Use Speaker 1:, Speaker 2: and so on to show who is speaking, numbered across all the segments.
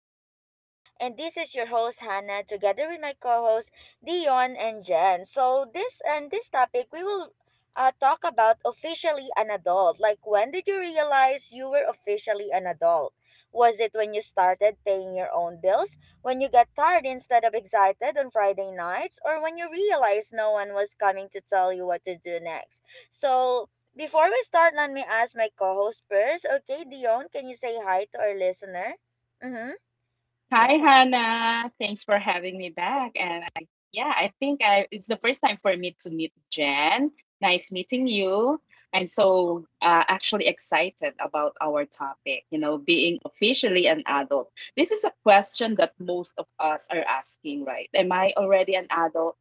Speaker 1: podcast. And this is your host Hannah together with my co-host Dion and Jen. So this topic we will talk about officially an adult. Like when did you realize you were officially an adult? Was it when you started paying your own bills? When you got tired instead of excited on Friday nights, or when you realized no one was coming to tell you what to do next? So before we start, let me ask my co-host first. Okay, Dion, can you say hi to our listener? Mm-hmm.
Speaker 2: Hi,
Speaker 1: Yes.
Speaker 2: Hannah. Thanks for having me back. And I, yeah, I think I it's the first time for me to meet Jen. Nice meeting you. I'm so actually excited about our topic, being officially an adult. This is a question that most of us are asking, right? Am I already an adult?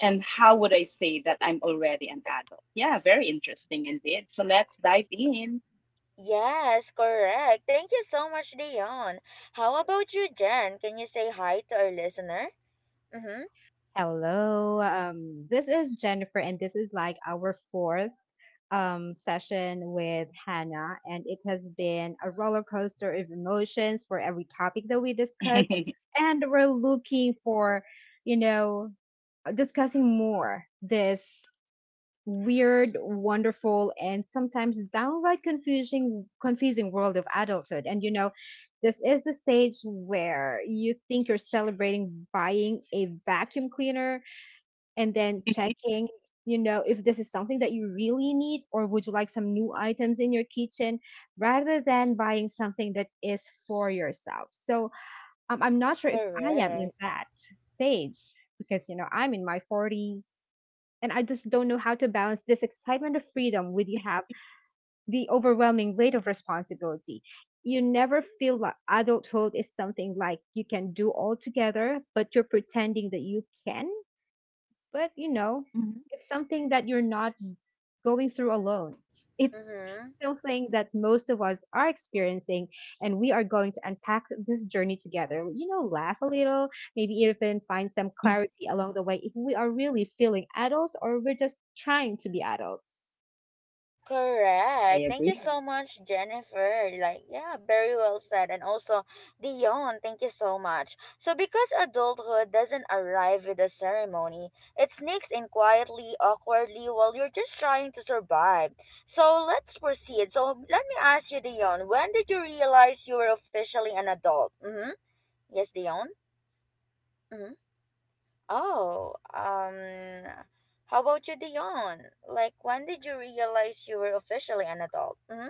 Speaker 2: And how would I say that I'm already an adult? Yeah, very interesting indeed. So let's dive in.
Speaker 1: Yes, correct. Thank you so much, Dion. How about you, Jen? Can you say hi to our listener? Mm-hmm.
Speaker 3: Hello. This is Jennifer, and this is like our fourth session with Hannah, and it has been a roller coaster of emotions for every topic that we discuss,
Speaker 2: Mhm.
Speaker 3: and we're looking for, you know, discussing more this weird, wonderful, and sometimes downright confusing world of adulthood. And this is the stage where you think you're celebrating buying a vacuum cleaner and then checking, if this is something that you really need or would you like some new items in your kitchen rather than buying something that is for yourself. So I'm not sure if I am in
Speaker 1: Correct.
Speaker 3: that stage because, I'm in my 40s and I just don't know how to balance this excitement of freedom with you have the overwhelming weight of responsibility. You never feel like adulthood is something like you can do all together, but you're pretending that you can but it's something that you're not going through alone. It's
Speaker 1: Mm-hmm.
Speaker 3: something that most of us are experiencing, and we are going to unpack this journey together. Laugh a little, maybe even find some
Speaker 2: Mhm.
Speaker 3: clarity along the way if we are really feeling adults or we're just trying to be adults.
Speaker 2: I
Speaker 1: Correct. Thank
Speaker 2: agree.
Speaker 1: you so much, Jennifer. Like, yeah, very well said. And also, Dion, thank you so much. So, because adulthood doesn't arrive with a ceremony, it sneaks in quietly, awkwardly, while you're just trying to survive. So let's proceed. So let me ask you, Dion, when did you realize you were officially an adult? Mm-hmm. Yes, Dion? Mm-hmm. Oh, um, how about you, Dion? Like, when did you realize you were officially an adult? Mm-hmm.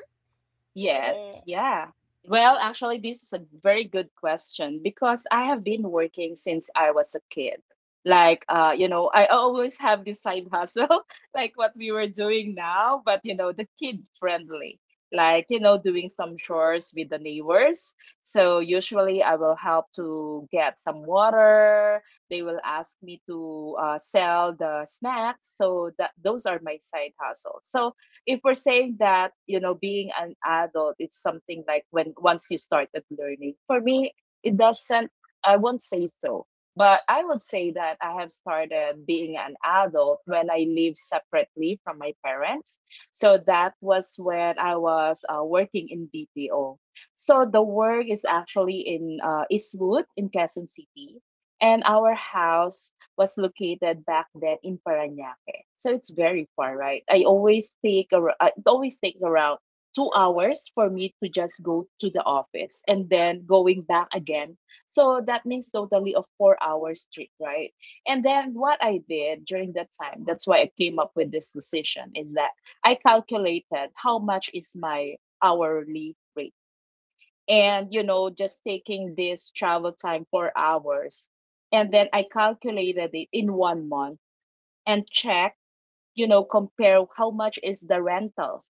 Speaker 2: Yes,
Speaker 1: The
Speaker 2: yeah. Well, actually, this is a very good question because I have been working since I was a kid. Like, you know, I always have this side hustle, like what we were doing now, but, you know, the kid friendly, like, you know, doing some chores with the neighbors. So usually I will help to get some water. They will ask me to sell the snacks. So that those are my side hustles. So if we're saying that, you know, being an adult, it's something like when once you started learning, for me it doesn't, I won't say so. But I would say that I have started being an adult when I lived separately from my parents. So that was when I was working in BPO. So the work is actually in Eastwood in Quezon City, and our house was located back then in Parañaque. So it's very far, right? I always take a, it always takes around 2 hours for me to just go to the office and then going back again. So that means totally a 4 hours trip, right? And then what I did during that time, that's why I came up with this decision, is that I calculated how much is my hourly rate, and, you know, just taking this travel time 4 hours, and then I calculated it in one month and check, you know, compare how much is the rentals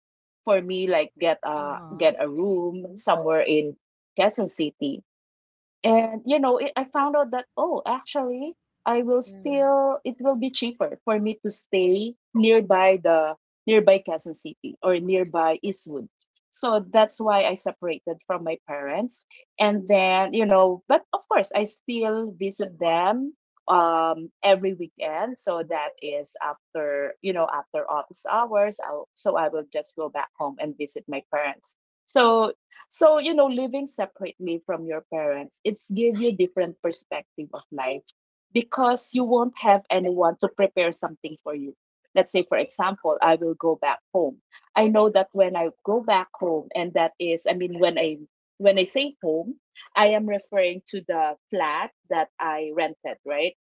Speaker 2: for me, like get a get
Speaker 1: uh-huh.
Speaker 2: a room somewhere in Quezon City. And, you know, it, I found out that, oh, actually, I will
Speaker 1: Mm-hmm.
Speaker 2: still it will be cheaper for me to stay nearby Quezon City or nearby Eastwood. So that's why I separated from my parents. And then, you know, but of course, I still visit them every weekend. So that is after, you know, after office hours. I'll so I will just go back home and visit my parents. So you know, living separately from your parents, it's give you different perspective of life because you won't have anyone to prepare something for you. Let's say, for example, I will go back home. I know that when I go back home, and that is, I mean, when I say home, I am referring to the flat that I rented, right?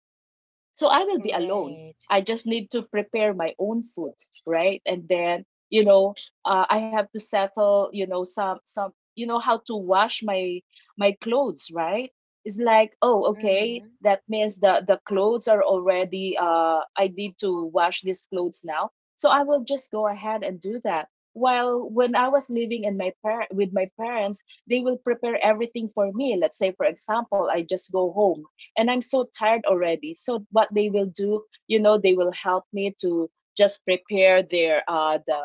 Speaker 2: So I will be alone.
Speaker 1: Right.
Speaker 2: I just need to prepare my own food, right? And then, you know, I have to settle, you know, you know, how to wash my my clothes, right? It's like, oh, okay,
Speaker 1: Mm-hmm.
Speaker 2: that means the clothes are already. I need to wash these clothes now. So I will just go ahead and do that. While when I was living in with my parents, they will prepare everything for me. Let's say, for example, I just go home and I'm so tired already. So what they will do, you know, they will help me to just prepare the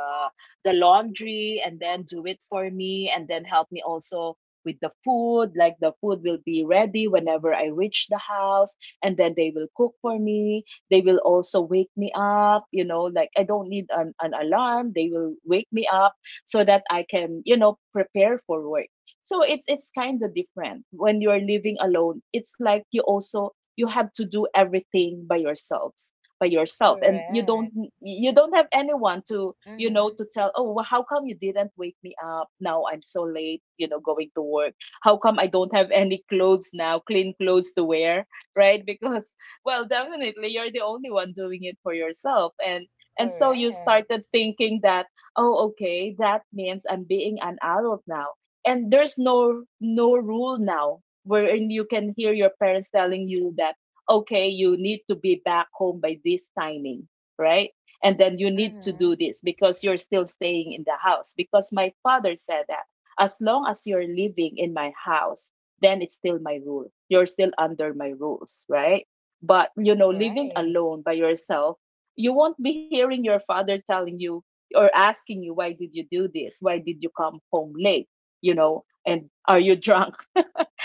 Speaker 2: the laundry and then do it for me, and then help me also with the food. Like the food will be ready whenever I reach the house, and then they will cook for me. They will also wake me up, you know, like I don't need an alarm. They will wake me up so that I can, you know, prepare for work. So it's kind of different when you are living alone. It's like you also you have to do everything by yourself, and you don't,
Speaker 1: Correct.
Speaker 2: you don't have anyone to, you know,
Speaker 1: Mm-hmm.
Speaker 2: to tell, oh well, how come you didn't wake me up, now I'm so late, you know, going to work. How come I don't have any clothes now, clean clothes to wear, right? Because, well, definitely you're the only one doing it for yourself. And so you
Speaker 1: Correct.
Speaker 2: started thinking that, oh, okay, that means I'm being an adult now. And there's no rule now wherein you can hear your parents telling you that, okay, you need to be back home by this timing, right? And then you need to do
Speaker 1: Mm-hmm.
Speaker 2: this because you're still staying in the house. Because my father said that as long as you're living in my house, then it's still my rule, you're still under my rules, right? But you know, living
Speaker 1: Right.
Speaker 2: alone by yourself, you won't be hearing your father telling you or asking you, why did you do this, why did you come home late, you know, and are you drunk?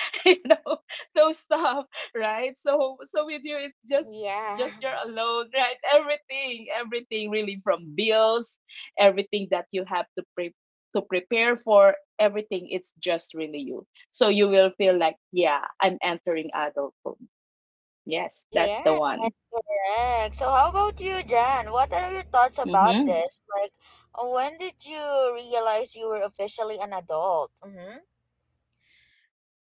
Speaker 2: You know, those stuff, right? So with you, it's just
Speaker 1: Yeah.
Speaker 2: just you're alone, right? Everything, everything really, from bills, everything that you have to to prepare for everything, it's just really you. So you will feel like, yeah, I'm entering adulthood. Yes, that's the
Speaker 1: yeah,
Speaker 2: one.
Speaker 1: that's correct. So how about you, Jan? What are your thoughts about
Speaker 2: Mm-hmm.
Speaker 1: this? Like, when did you realize you were officially an adult? Mm-hmm.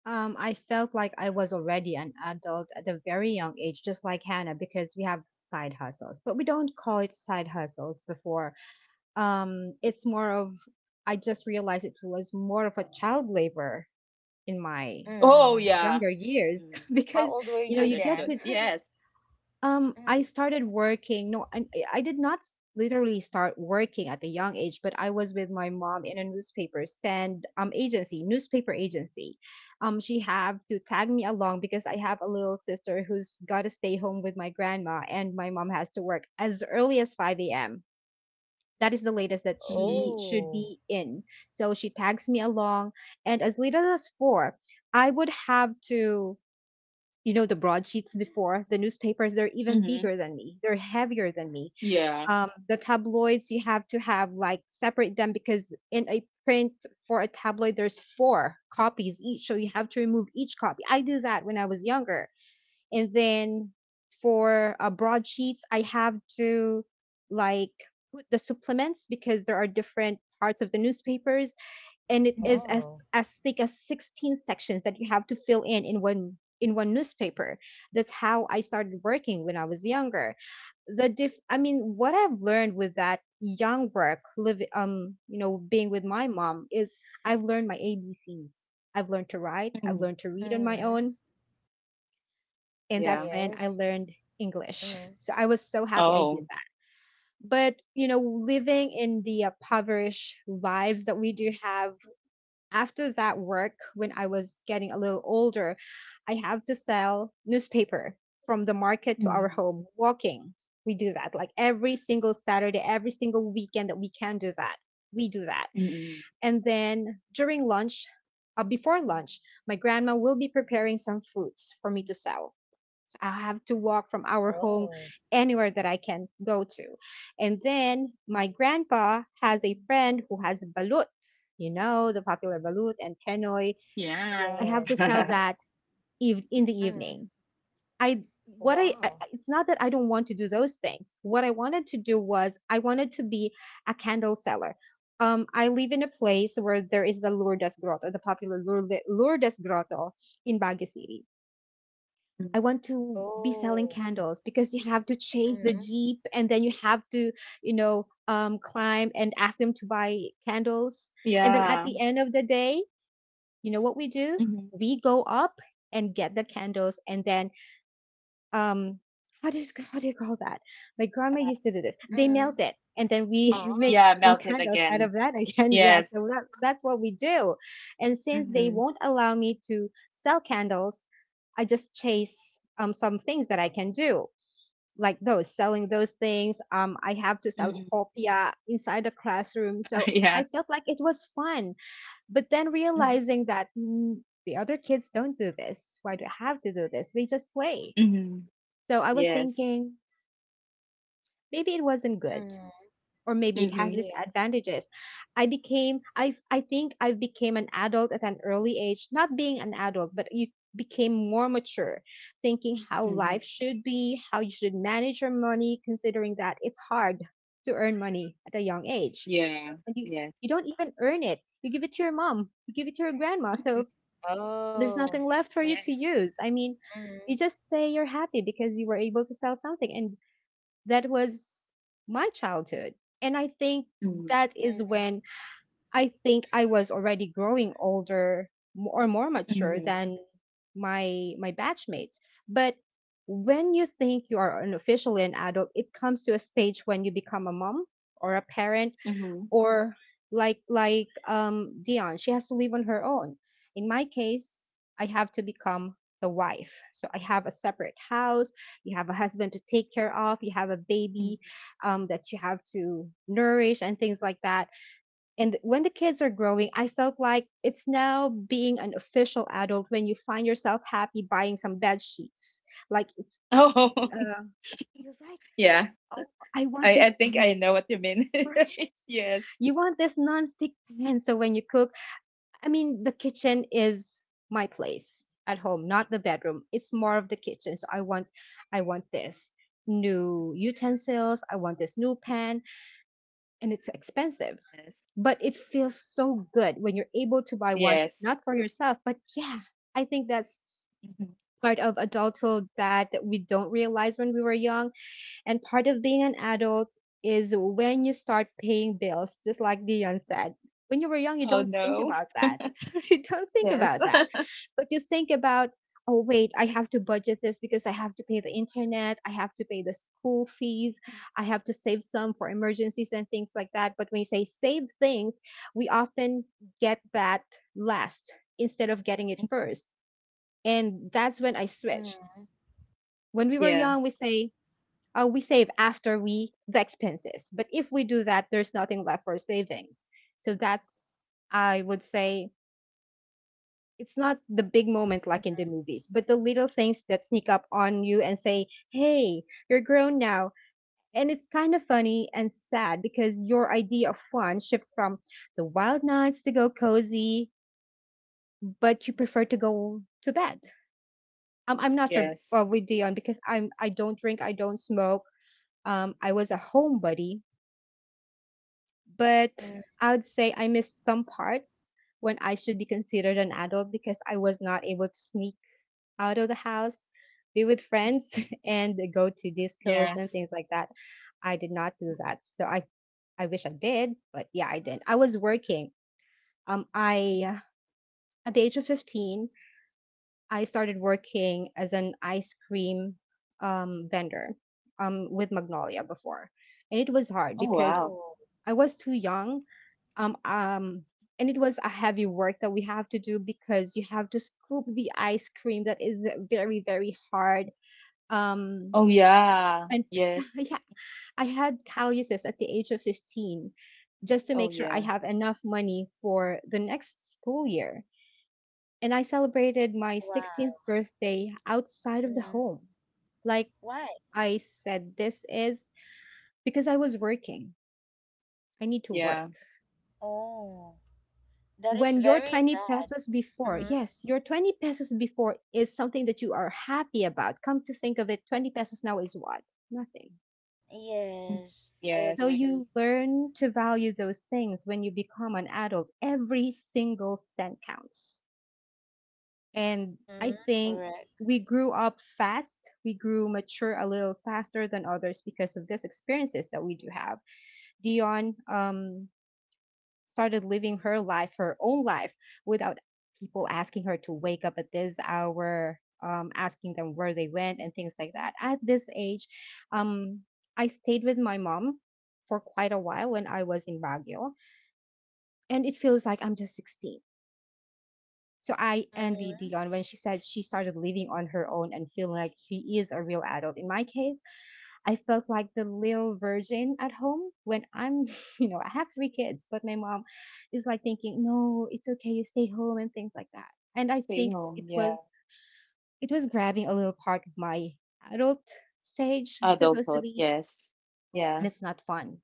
Speaker 3: I felt like I was already an adult at a very young age, just like Hannah, because we have side hustles, but we don't call it side hustles before. It's more of I just realized it was more of a child labor in my
Speaker 2: Oh
Speaker 1: Mm.
Speaker 2: yeah.
Speaker 3: younger years
Speaker 2: Mm,
Speaker 1: How
Speaker 3: because
Speaker 1: old were
Speaker 3: you know
Speaker 1: you,
Speaker 3: you get
Speaker 2: understood,
Speaker 1: Jan?
Speaker 3: to
Speaker 2: yes.
Speaker 1: Mm-hmm.
Speaker 3: I started working. No, I did not literally start working at a young age, but I was with my mom in a newspaper stand agency newspaper agency. She had to tag me along because I have a little sister who's got to stay home with my grandma, and my mom has to work as early as 5 a.m. That is the latest that she
Speaker 2: Mm-hmm.
Speaker 3: should be
Speaker 1: Oh.
Speaker 3: in. So she tags me along. And as little as four, I would have to, the broadsheets before, the newspapers, they're even bigger
Speaker 2: Mm-hmm.
Speaker 3: than me, they're heavier than me.
Speaker 2: Yeah.
Speaker 3: The tabloids, you have to have like separate them because in a print for a tabloid, there's four copies each. So you have to remove each copy. I do that when I was younger, and then for broadsheets, I have to like put the supplements because there are different parts of the newspapers, and it is
Speaker 2: Mm-hmm.
Speaker 3: as,
Speaker 1: Oh.
Speaker 3: as thick as 16 sections that you have to fill in in one newspaper. That's how I started working when I was younger. The diff I mean, what I've learned with that young work live, being with my mom, is I've learned my ABCs, I've learned to write, I've
Speaker 2: Mm-hmm.
Speaker 3: learned to read on my
Speaker 1: Mm-hmm.
Speaker 3: own. And that's
Speaker 2: Yeah.
Speaker 3: when I
Speaker 1: Yes.
Speaker 3: learned English.
Speaker 1: Mm-hmm.
Speaker 3: So I was so happy I did
Speaker 2: Oh.
Speaker 3: that. But, living in the impoverished lives that we do have, after that work, when I was getting a little older, I have to sell newspaper from the market to our
Speaker 2: Mhm.
Speaker 3: home, walking. We do that like every single Saturday, every single weekend that we can do that. We do that.
Speaker 2: Mm,
Speaker 3: And then during lunch, before lunch, my grandma will be preparing some fruits for me to sell. I have to walk from our home
Speaker 1: Oh.
Speaker 3: anywhere that I can go to. And then my grandpa has a friend who has balut, the popular balut and penoy. I have
Speaker 2: yes.
Speaker 1: Yes,
Speaker 3: to sell
Speaker 1: yes.
Speaker 3: that in the
Speaker 1: Mm.
Speaker 3: evening. I what I
Speaker 1: Wow.
Speaker 3: it's not that I don't want to do those things. What I wanted to do was I wanted to be a candle seller. I live in a place where there is the Lourdes Grotto, the popular Lourdes Grotto in Baguio City.
Speaker 2: Mm,
Speaker 3: I want to be selling
Speaker 1: Oh.
Speaker 3: candles because you have to chase the
Speaker 1: Mm.
Speaker 3: jeep and then you have to, climb and ask them to buy candles. And then at
Speaker 2: yeah.
Speaker 3: the end of the day, you know what we do?
Speaker 2: Mhm.
Speaker 3: We go up and get the candles and then um how do you how do you call that? My grandma
Speaker 2: Uh,
Speaker 3: used to do this. They melt
Speaker 1: Mm.
Speaker 3: it and then we make
Speaker 2: yeah,
Speaker 1: Ah.
Speaker 3: some
Speaker 2: melted
Speaker 3: candles out of
Speaker 2: again.
Speaker 3: that again. Yeah,
Speaker 2: Yes.
Speaker 3: so that's what we do. And since they
Speaker 2: Mm-hmm.
Speaker 3: won't allow me to sell candles, I just chase some things that I can do. Like those, selling those things. I have to sell
Speaker 2: Mm-hmm.
Speaker 3: hopia inside the classroom. So I
Speaker 2: Yes.
Speaker 3: felt like it was fun. But then
Speaker 2: Mhm.
Speaker 3: realizing that the other kids don't do this. Why do I have to do this? They just play,
Speaker 2: Mhm.
Speaker 3: so I was
Speaker 2: Yes.
Speaker 3: thinking maybe it wasn't good
Speaker 1: Mm.
Speaker 3: or maybe it has
Speaker 2: Mm-hmm.
Speaker 1: Yeah.
Speaker 3: disadvantages. I became I think I became an adult at an early age, not being an adult, but you became more mature, thinking how
Speaker 2: Mm-hmm.
Speaker 3: life should be, how you should manage your money, considering that it's hard to earn money at a young age.
Speaker 2: Yeah.
Speaker 3: And you
Speaker 2: Yes.
Speaker 3: you don't even earn it. You give it to your mom, you give it to your grandma.
Speaker 2: Mm-hmm.
Speaker 3: So there's
Speaker 1: Oh.
Speaker 3: nothing left for you to
Speaker 2: Yes.
Speaker 3: use. I mean,
Speaker 1: Mm.
Speaker 3: you just say you're happy because you were able to sell something, and that was my childhood. And I think
Speaker 2: Mm-hmm.
Speaker 3: that is
Speaker 1: Mm.
Speaker 3: when I think I was already growing older, or more mature
Speaker 2: Mm-hmm.
Speaker 3: than my batchmates. But when you think you are an officially an adult, it comes to a stage when you become a mom or a parent
Speaker 2: Mm
Speaker 3: or like Dion, she has to live on her own. In my case, I have to become the wife. So I have a separate house, you have a husband to take care of, you have a
Speaker 2: hmm.
Speaker 3: baby that you have to nourish and things like that. And when the kids are growing, I felt like it's now being an official adult when you find yourself happy buying some bed sheets. Like it's it's
Speaker 2: Oh.
Speaker 3: uh you're right.
Speaker 2: Yeah.
Speaker 3: Oh, I want this.
Speaker 2: I think I know what you mean.
Speaker 3: Right.
Speaker 2: Yes.
Speaker 3: You want this nonstick pan. So when you cook, I mean, the kitchen is my place at home, not the bedroom. It's more of the kitchen. So I want this new utensils. I want this new pan, and it's expensive,
Speaker 2: Yes.
Speaker 3: but it feels so good when you're able to buy one,
Speaker 2: Yes.
Speaker 3: not for yourself, but yeah, I think that's
Speaker 2: Mhm.
Speaker 3: part of adulthood that we don't realize when we were young, and part of being an adult is when you start paying bills, just like Dion said. When you were young, you
Speaker 2: Oh,
Speaker 3: don't think
Speaker 2: no.
Speaker 3: about that. You don't think
Speaker 2: Yes.
Speaker 3: about that. But you think about, oh, wait, I have to budget this because I have to pay the internet, I have to pay the school fees, I have to save some for emergencies and things like that. But when you say save things, we often get that last instead of getting it first. And that's when I switched.
Speaker 1: Mm.
Speaker 3: When we were
Speaker 2: Yeah.
Speaker 3: young, we say, we save after we the expenses. But if we do that, there's nothing left for savings. So that's I would say it's not the big moment like in the movies, but the little things that sneak up on you and say, "Hey, you're grown now." And it's kind of funny and sad because your idea of fun shifts from the wild nights to go cozy, but you prefer to go to bed. I'm not sure
Speaker 2: Yes.
Speaker 3: with Dion because I don't drink, I don't smoke. I was a homebody. But
Speaker 1: Mm.
Speaker 2: Yeah.
Speaker 3: I would say I missed some parts when I should be considered an adult because I was not able to sneak out of the house, be with friends, and go to discos and
Speaker 2: Yes.
Speaker 3: things like that. I did not do that. So I wish I did, but yeah, I didn't. I was working. I at the age of 15, I started working as an ice cream vendor with Magnolia before, and it was hard
Speaker 2: Oh
Speaker 3: because
Speaker 2: wow.
Speaker 1: Oh.
Speaker 3: I was too young um um and it was a heavy work that we have to do because you have to scoop the ice cream that is very very hard um
Speaker 2: Oh yeah.
Speaker 3: and
Speaker 2: Yes.
Speaker 3: yeah, I had calluses at the age of 15 just to
Speaker 2: Oh
Speaker 3: make sure I
Speaker 2: yeah.
Speaker 3: have enough money for the next school year. And I celebrated my 16th
Speaker 1: Wow.
Speaker 3: birthday outside of the
Speaker 1: Mm.
Speaker 3: home. Like
Speaker 1: Why?
Speaker 3: I said, this is because I was working. I need to work.
Speaker 2: Yeah.
Speaker 1: Oh. That is
Speaker 3: When your
Speaker 1: very
Speaker 3: 20
Speaker 1: sad.
Speaker 3: pesos before,
Speaker 1: Mm.
Speaker 3: yes, your 20 pesos before is something that you are happy about. Come to think of it, 20 pesos now is what? Nothing.
Speaker 1: Yes, I
Speaker 3: So
Speaker 2: Yes.
Speaker 1: agree.
Speaker 3: you learn to value those things. When you become an adult, every single cent counts. And I
Speaker 1: Mm-hmm.
Speaker 3: think
Speaker 1: Correct.
Speaker 3: we grew up fast. We grew mature a little faster than others because of these experiences that we do have. Dion started living her life, her own life, without people asking her to wake up at this hour, asking them where they went, and things like that. At this age, um, I stayed with my mom for quite a while when I was in Baguio, and it feels like I'm just 16. So I envy
Speaker 1: Mm-hmm.
Speaker 3: Dion when she said she started living on her own and feeling like she is a real adult. In my case, I felt like the little virgin at home when I'm, I have three kids, but my mom is like thinking, no, it's okay, you stay home and things like that. And I
Speaker 2: Stay
Speaker 3: think
Speaker 2: home.
Speaker 3: it
Speaker 2: Yeah.
Speaker 3: was it was grabbing a little part of my adult stage,
Speaker 2: Adulthood.
Speaker 3: supposedly,
Speaker 2: Yes. Yeah.
Speaker 3: and it's not fun.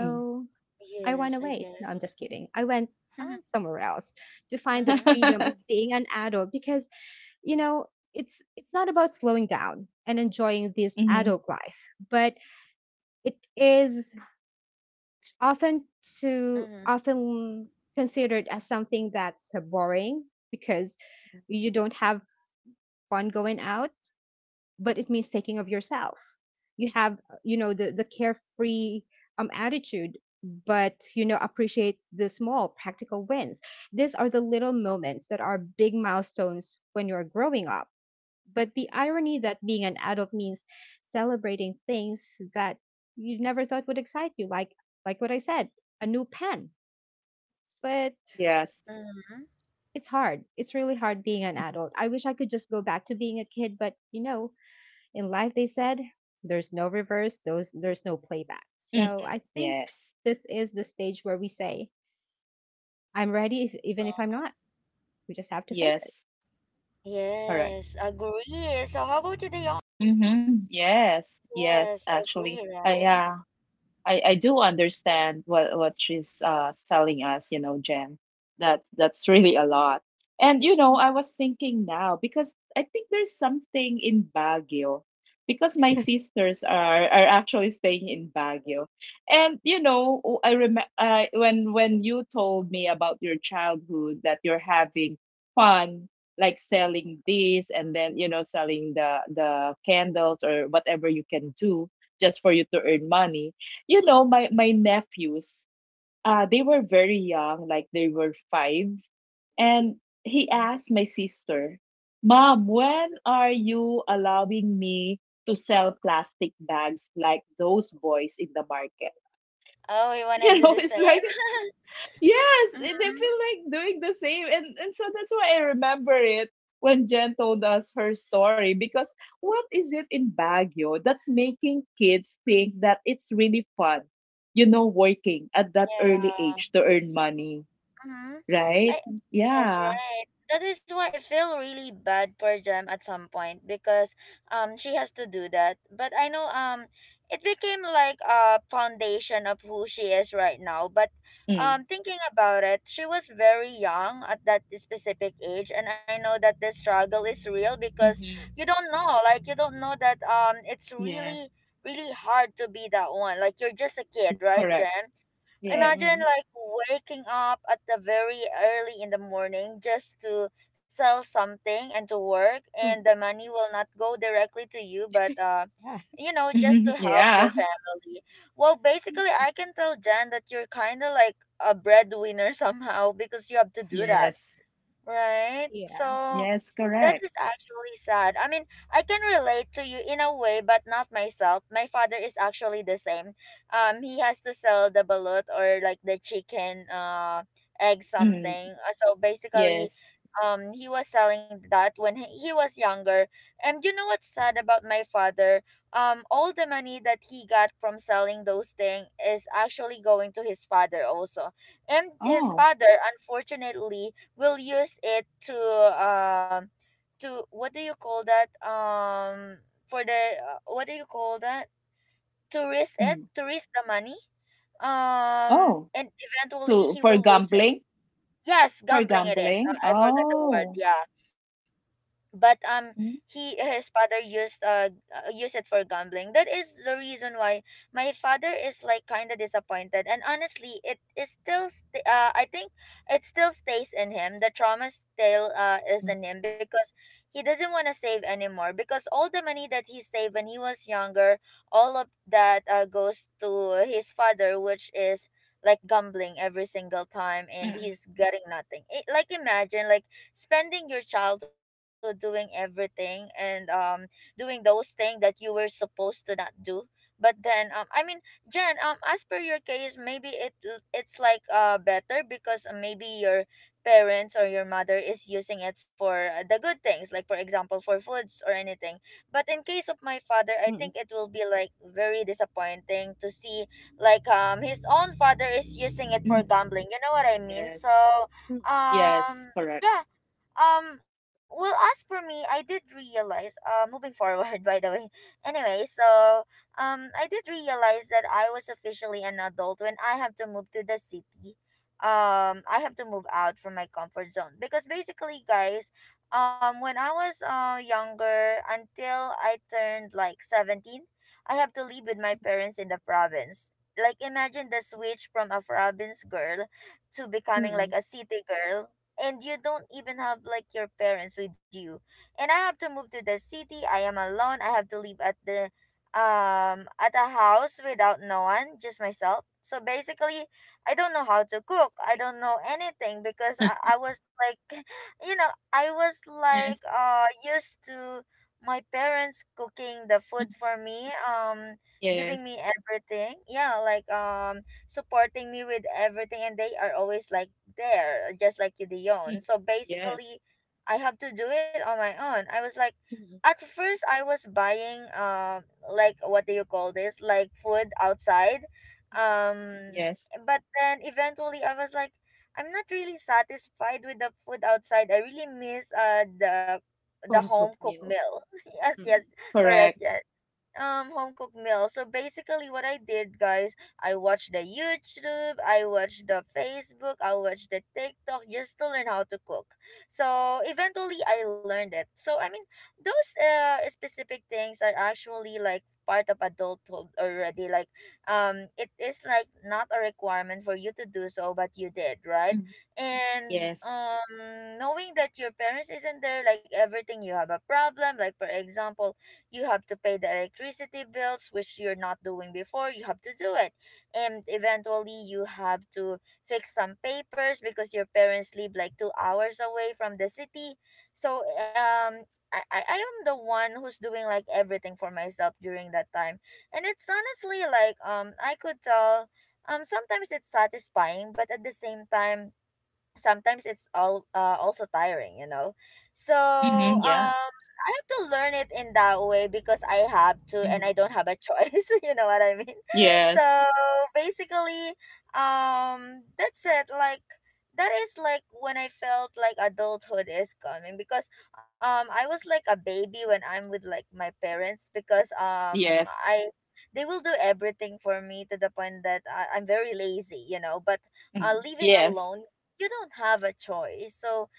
Speaker 2: Mm.
Speaker 3: I ran
Speaker 1: Yes, I
Speaker 3: away. No, I'm
Speaker 1: guess.
Speaker 3: just kidding. I went somewhere else to find that
Speaker 1: Mm-hmm.
Speaker 3: freedom of being an adult because, you know, it's not about slowing down and enjoying this
Speaker 2: Hmm.
Speaker 3: adult life, but it is often, to
Speaker 1: Mm-hmm.
Speaker 3: often considered as something that's boring, because you don't have fun going out, but it means taking of yourself. You have the carefree attitude, but appreciate the small practical wins. These are the little moments that are big milestones when you're growing up. But the irony that being an adult means celebrating things that you never thought would excite you, like what I said, a new pen. But
Speaker 2: Yes.
Speaker 1: Mm-hmm.
Speaker 3: it's hard. It's really hard being an adult. I wish I could just go back to being a kid, but in life they said there's no reverse, those there's no playback. So I
Speaker 2: Hmm.
Speaker 3: think
Speaker 2: Yes.
Speaker 3: this is the stage where we say, I'm ready, if,
Speaker 1: Uh,
Speaker 3: even if I'm not. We just have to face it.
Speaker 2: Yes.
Speaker 1: Yes,
Speaker 2: Correct.
Speaker 1: agree. So how about you, Dion?
Speaker 2: Mm-hmm. Yes. Yes.
Speaker 1: Yes,
Speaker 2: Actually,
Speaker 1: agree,
Speaker 2: I,
Speaker 1: right?
Speaker 2: yeah. I do understand what she's telling us, you know, Jen. That's really a lot. And you know, I was thinking now because I think there's something in Baguio because my sisters are actually staying in Baguio. And you know, I remember when you told me about your childhood, that you're having fun, like selling this and then, you know, selling the candles or whatever you can do just for you to earn money. You know, my nephews, they were very young, like they were five, and he asked my sister, "Mom, when are you allowing me to sell plastic bags like those boys in the markets?"
Speaker 1: Oh, you wanna
Speaker 2: You
Speaker 1: do
Speaker 2: know,
Speaker 1: the
Speaker 2: it's
Speaker 1: same?
Speaker 2: like, yes, and
Speaker 1: Mm-hmm.
Speaker 2: they feel like doing the same. And so that's why I remember it when Jen told us her story. Because what is it in Baguio that's making kids think that it's really fun, you know, working at that early
Speaker 1: Yeah.
Speaker 2: age to earn money,
Speaker 1: Mm-hmm.
Speaker 2: right?
Speaker 1: I yes,
Speaker 2: Yeah.
Speaker 1: right. That is why I feel really bad for Jem at some point, because she has to do that. But I know it became like a foundation of who she is right now. But
Speaker 2: Mm.
Speaker 1: thinking about it, she was very young at that specific age, and I know that the struggle is real because you
Speaker 2: Mm-hmm.
Speaker 1: don't know, like you don't know that it's really
Speaker 2: Yes,
Speaker 1: really hard to be that one. Like you're just a kid, right,
Speaker 2: correct.
Speaker 1: Jem?
Speaker 2: Yes.
Speaker 1: Imagine
Speaker 3: Mm-mm.
Speaker 1: like waking up at the very early in the morning just to sell something and to work, and
Speaker 3: Mm.
Speaker 1: the money will not go directly to you, but
Speaker 3: Yeah.
Speaker 1: you know, just to help your
Speaker 2: Yeah.
Speaker 1: family. Well, basically, I can tell Jan that you're kind of like a breadwinner somehow, because you have to do that.
Speaker 2: Yes.
Speaker 1: Right.
Speaker 3: Yeah.
Speaker 1: So
Speaker 2: Yes,
Speaker 1: that is
Speaker 2: correct.
Speaker 1: actually sad. I mean, I can relate to you in a way, but not myself. My father is actually the same. He has to sell the balut, or like the chicken, egg
Speaker 2: Mm.
Speaker 1: something. So basically,
Speaker 2: Yes.
Speaker 1: he was selling that when he was younger. And you know what's sad about my father? All the money that he got from selling those things is actually going to his father also. And his
Speaker 2: Oh.
Speaker 1: father, unfortunately, we'll use it um to what do you call that, for the what do you call that, to risk it,
Speaker 2: Mm.
Speaker 1: to risk the money,
Speaker 2: Oh.
Speaker 1: and eventually
Speaker 2: To
Speaker 1: he
Speaker 2: for
Speaker 1: will lose it.
Speaker 2: gambling?
Speaker 1: Yes,
Speaker 2: For
Speaker 1: gambling it is. Uh,
Speaker 2: gambling?
Speaker 1: I forgot the word,
Speaker 2: Oh.
Speaker 1: yeah. But
Speaker 2: Mm,
Speaker 1: he his father used used it for gambling. That is the reason why my father is like kind of disappointed, and honestly, it is still st- I think it still stays in him. The trauma still
Speaker 2: mm,
Speaker 1: is in him, because he doesn't want to save anymore, because all the money that he saved when he was younger, all of that goes to his father, which is like gambling every single time, and
Speaker 2: mm,
Speaker 1: he's getting nothing. It, like, imagine like spending your childhood doing everything, and doing those things that you were supposed to not do. But then, I mean, Jen, as per your case, maybe it's like better because maybe your parents or your mother is using it for the good things, like for example for foods or anything. But in case of my father, I
Speaker 3: Mm-mm.
Speaker 1: think it will be like very disappointing to see like his own father is using
Speaker 2: mm.
Speaker 1: it for gambling. You know what I
Speaker 2: Yes.
Speaker 1: mean? So
Speaker 3: Mm.
Speaker 2: Yes.
Speaker 1: um,
Speaker 2: Correct.
Speaker 1: yeah. Well, as for me, I did realize, moving forward, by the way. Anyway, so, I did realize that I was officially an adult when I have to move to the city. I have to move out from my comfort zone, because basically, guys, when I was, younger until I turned like 17, I have to live with my parents in the province. Like, imagine the switch from a province girl to becoming like
Speaker 3: Mm-mm.
Speaker 1: a city girl, and you don't even have like your parents with you, and I have to move to the city. I am alone. I have to live at the at a house without no one, just myself. So basically, I don't know how to cook, I don't know anything, because I was like, you know, I was like
Speaker 2: Yes.
Speaker 1: used to my parents cooking the food
Speaker 2: Mm.
Speaker 1: for me, giving
Speaker 2: Yes.
Speaker 1: me everything. Yeah, like supporting me with everything, and they are always like there, just like you, Dion.
Speaker 2: Mm.
Speaker 1: So
Speaker 2: Yes.
Speaker 1: basically, I have to do it on my own. I was like,
Speaker 3: Mm-mm.
Speaker 1: at first I was buying like, what do you call this, like food outside, um
Speaker 3: Mm.
Speaker 2: Yes.
Speaker 1: but then eventually I was like, I'm not really satisfied with the food outside. I really miss the
Speaker 3: Home
Speaker 1: home
Speaker 3: cooked
Speaker 1: cooked
Speaker 3: meals.
Speaker 1: meal. yes, yes,
Speaker 3: Mm.
Speaker 1: correct.
Speaker 2: Correct.
Speaker 1: Yes, um, home cooked meal. So basically what I did, guys, I watched the YouTube, I watched the Facebook, I watched the TikTok just to learn how to cook. So eventually I learned it. So I mean, those specific things are actually like part of adulthood already. Like, um, it is like not a requirement for you to do so, but you did, right?
Speaker 2: Mm.
Speaker 1: And
Speaker 2: Yes.
Speaker 1: knowing that your parents isn't there, like everything you have a problem, like for example, you have to pay the electricity bills, which you're not doing before, you have to do it. And eventually you have to fix some papers because your parents live like 2 hours away from the city. So um, I am the one who's doing like everything for myself during that time. And it's honestly like, um, I could tell, um, sometimes it's satisfying, but at the same time sometimes it's all also tiring, you know. So
Speaker 2: Mm-hmm. Yeah.
Speaker 1: um I have to learn it in that way, because I have to, and
Speaker 2: Mm-hmm.
Speaker 1: I don't have a choice, you know what I mean? So
Speaker 2: Yes.
Speaker 1: basically, that's it. Like, that is like when I felt like adulthood is coming, because I was like a baby when I'm with like my parents, because
Speaker 2: Yes.
Speaker 1: I they will do everything for me, to the point that I'm very lazy, you know. But
Speaker 2: Mm-hmm.
Speaker 1: living
Speaker 2: Yes.
Speaker 1: alone, you don't have a choice. So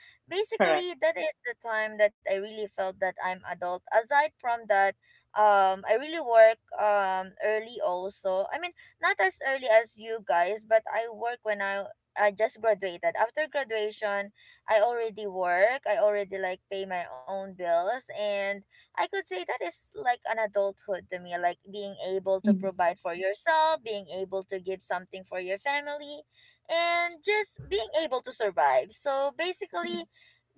Speaker 2: Correct.
Speaker 1: basically, that is the time that I really felt that I'm adult. Aside from that, I really work early also. I mean, not as early as you guys, but I work when I just graduated. After graduation, I already work. I already like pay my own bills, and I could say that is like an adulthood to me, like being able to
Speaker 2: Mm-hmm.
Speaker 1: provide for yourself, being able to give something for your family, and just being able to survive. So basically,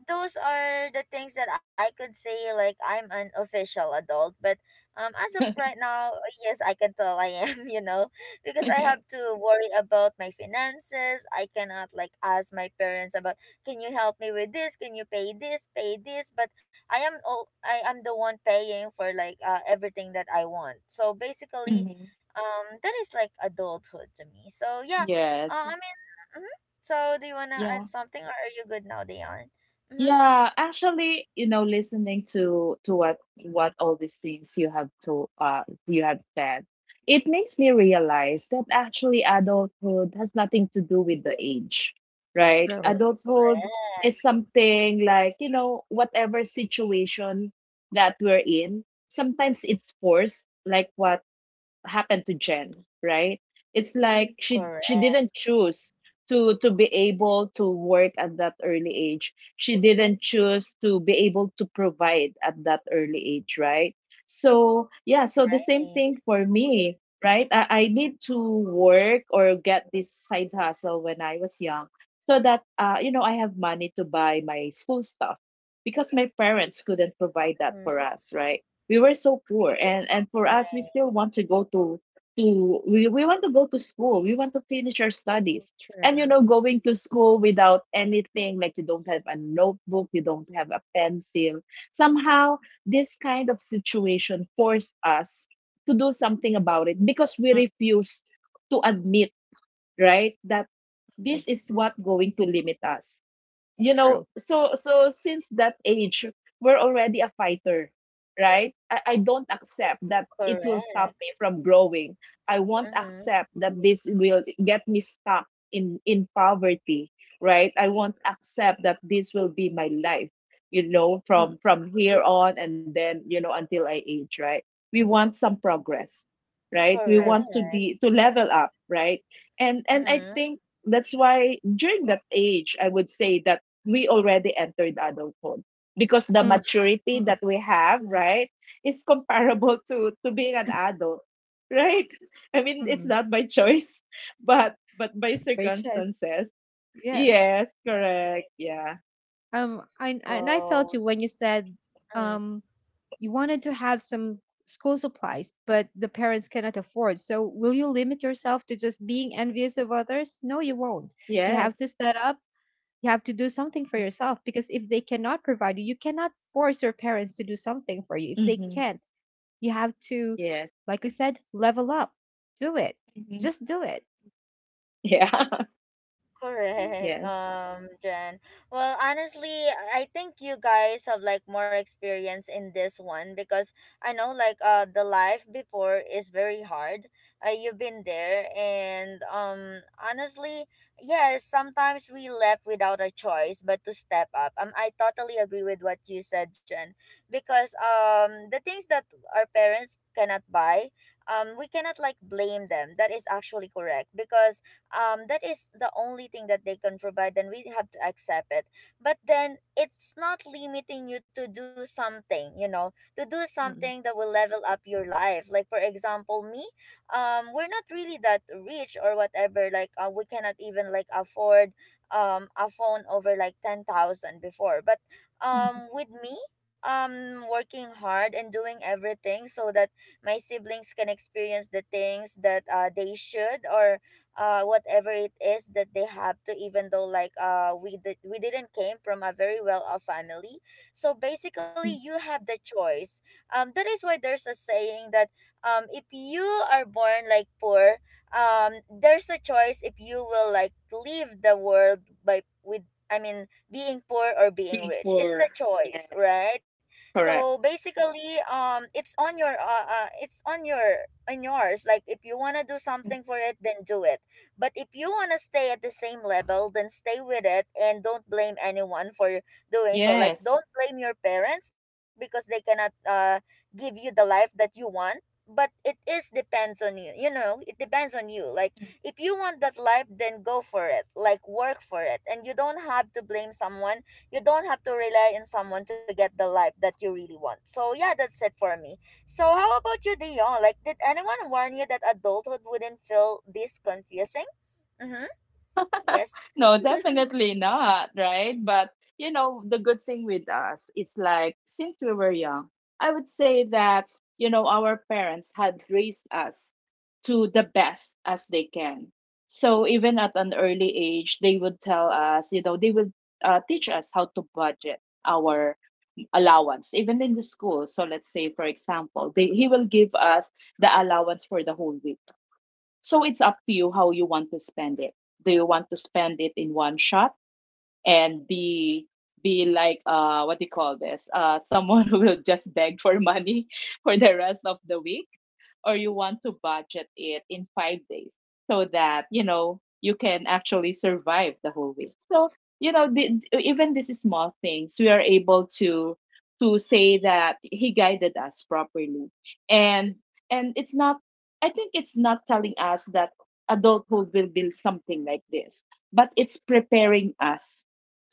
Speaker 1: those are the things that I could say like I'm an official adult. But um, as of right now, yes, I can tell I am, you know, because I have
Speaker 2: Yes.
Speaker 1: to worry about my finances. I cannot like ask my parents about, can you help me with this? Can you pay this? Pay this? But I am the one paying for like everything that I want. So basically,
Speaker 2: Mm-hmm.
Speaker 1: that is like adulthood to me. So yeah,
Speaker 2: Yes.
Speaker 1: uh, hmm, so do you want to
Speaker 2: Yeah.
Speaker 1: add something or are you good now, Dion? Mm-hmm.
Speaker 2: Yeah, actually, you know, listening to what all these things you have to you have said, it makes me realize that actually adulthood has nothing to do with the age, right?
Speaker 3: True.
Speaker 2: Adulthood is
Speaker 1: Correct.
Speaker 2: something like, you know, whatever situation that we're in, sometimes it's forced, like what happened to Jen, right? It's like she didn't
Speaker 1: Correct.
Speaker 2: choose to be able to work at that early age. She didn't choose to be able to provide at that early age, right? So yeah, so the same
Speaker 1: Right.
Speaker 2: thing for me, right? I need to work or get this side hustle when I was young so that you know, I have money to buy my school stuff because my parents couldn't provide that
Speaker 1: Mm-hmm.
Speaker 2: for us, right? We were so poor, and for us, we
Speaker 1: Correct.
Speaker 2: still want to go to we want to go to school. We want to finish our studies. And you
Speaker 3: True.
Speaker 2: know, going to school without anything, like, you don't have a notebook, you don't have a pencil. Somehow, this kind of situation forced us to do something about it, because we
Speaker 3: Mm.
Speaker 2: refused to admit, right, that this is what going to limit us. You know,
Speaker 3: True.
Speaker 2: so since that age, we're already a fighter, right? I don't accept that it will stop
Speaker 1: Correct.
Speaker 2: me from growing. I won't
Speaker 1: Mm-hmm.
Speaker 2: accept that this will get me stuck in poverty, right? I won't accept that this will be my life, you know, from
Speaker 3: Mm.
Speaker 2: from here on, and then, you know, until I age, right? We want some progress, right? We want
Speaker 3: True.
Speaker 2: to
Speaker 1: Correct.
Speaker 2: be to level up, right? And I
Speaker 1: Mm-hmm.
Speaker 2: think that's why during that age, I would say that we already entered adulthood, because the
Speaker 3: Mm.
Speaker 2: maturity that
Speaker 3: Mm.
Speaker 2: we have, right, is comparable to being an adult, right? I mean, it's
Speaker 3: Mm.
Speaker 2: not by choice, but by
Speaker 3: Great chance.
Speaker 2: circumstances.
Speaker 3: Yes.
Speaker 2: Yes, correct. Yeah.
Speaker 3: And I
Speaker 1: Oh.
Speaker 3: felt you when you said
Speaker 1: Mm.
Speaker 3: um, you wanted to have some school supplies, but the parents cannot afford. So, will you limit yourself to just being envious of others? No, you won't. You
Speaker 2: Yes.
Speaker 3: have to set up, you have to do something for yourself, because if they cannot provide you, you cannot force your parents to do something for you. If they
Speaker 2: Mm-hmm.
Speaker 3: can't, you have to,
Speaker 2: Yes.
Speaker 3: like we said, level up, do it,
Speaker 2: Mm-hmm.
Speaker 3: just do it.
Speaker 2: Yeah.
Speaker 3: Yeah.
Speaker 1: Correct,
Speaker 2: Yes.
Speaker 1: Jen. Well, honestly, I think you guys have like more experience in this one, because I know like the life before is very hard. You've been there, and honestly, yes, sometimes we left without a choice but to step up. I totally agree with what you said, Jen, because the things that our parents cannot buy, we cannot like blame them. That is actually correct because that is the only thing that they can provide, then we have to accept it. But then it's not limiting you to do something, you know, to do something
Speaker 3: Mm.
Speaker 1: that will level up your life. Like, for example, me, we're not really that rich or whatever. Like, we cannot even like afford a phone over like 10,000 before. But with me, working hard and doing everything so that my siblings can experience the things that they should or whatever it is that they have to, even though we didn't came from a very well off family. So basically
Speaker 2: Mm.
Speaker 1: you have the choice. That is why there's a saying that if you are born like poor, there's a choice if you will like leave the world by with, I mean, being poor or being rich, it's
Speaker 2: For
Speaker 1: a choice,
Speaker 2: yes.
Speaker 1: right? So
Speaker 2: Correct.
Speaker 1: basically, it's on your it's on your, in yours. Like if you want to do something for it, then do it. But if you want to stay at the same level, then stay with it and don't blame anyone for doing so. Like,
Speaker 2: Yes.
Speaker 1: don't blame your parents because they cannot give you the life that you want. But it is depends on you. You know, it depends on you. Like if you want that life, then go for it. Like, work for it. And you don't have to blame someone. You don't have to rely on someone to get the life that you really want. So yeah, that's it for me. So how about you, Dion? Like, did anyone warn you that adulthood wouldn't feel this confusing? Mm-hmm. Yes.
Speaker 2: No, definitely not, right? But, you know, the good thing with us, it's like since we were young, I would say that, you know, our parents had raised us to the best as they can. So even at an early age, they would tell us, you know, they would teach us how to budget our allowance, even in the school. So let's say, for example, he will give us the allowance for the whole week, so it's up to you how you want to spend it. Do you want to spend it in one shot and be like, what do you call this? Someone who will just beg for money for the rest of the week? Or you want to budget it in 5 days, so that you know you can actually survive the whole week? So you know, even these small things, we are able to say that he guided us properly. And and it's not, I think it's not telling us that adulthood will be something like this, but it's preparing us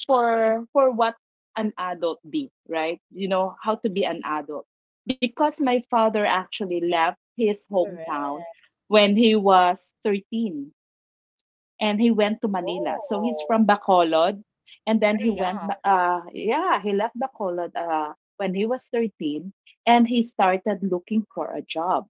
Speaker 2: for what an adult be, right? You know, how to be an adult. Because my father actually left his
Speaker 1: Correct.
Speaker 2: hometown when he was 13 and he went to Manila. So he's
Speaker 1: Oh,
Speaker 2: from Bacolod, and then he
Speaker 1: very
Speaker 2: went.
Speaker 1: young.
Speaker 2: Yeah, he left Bacolod, when he was 13, and he started looking for a job,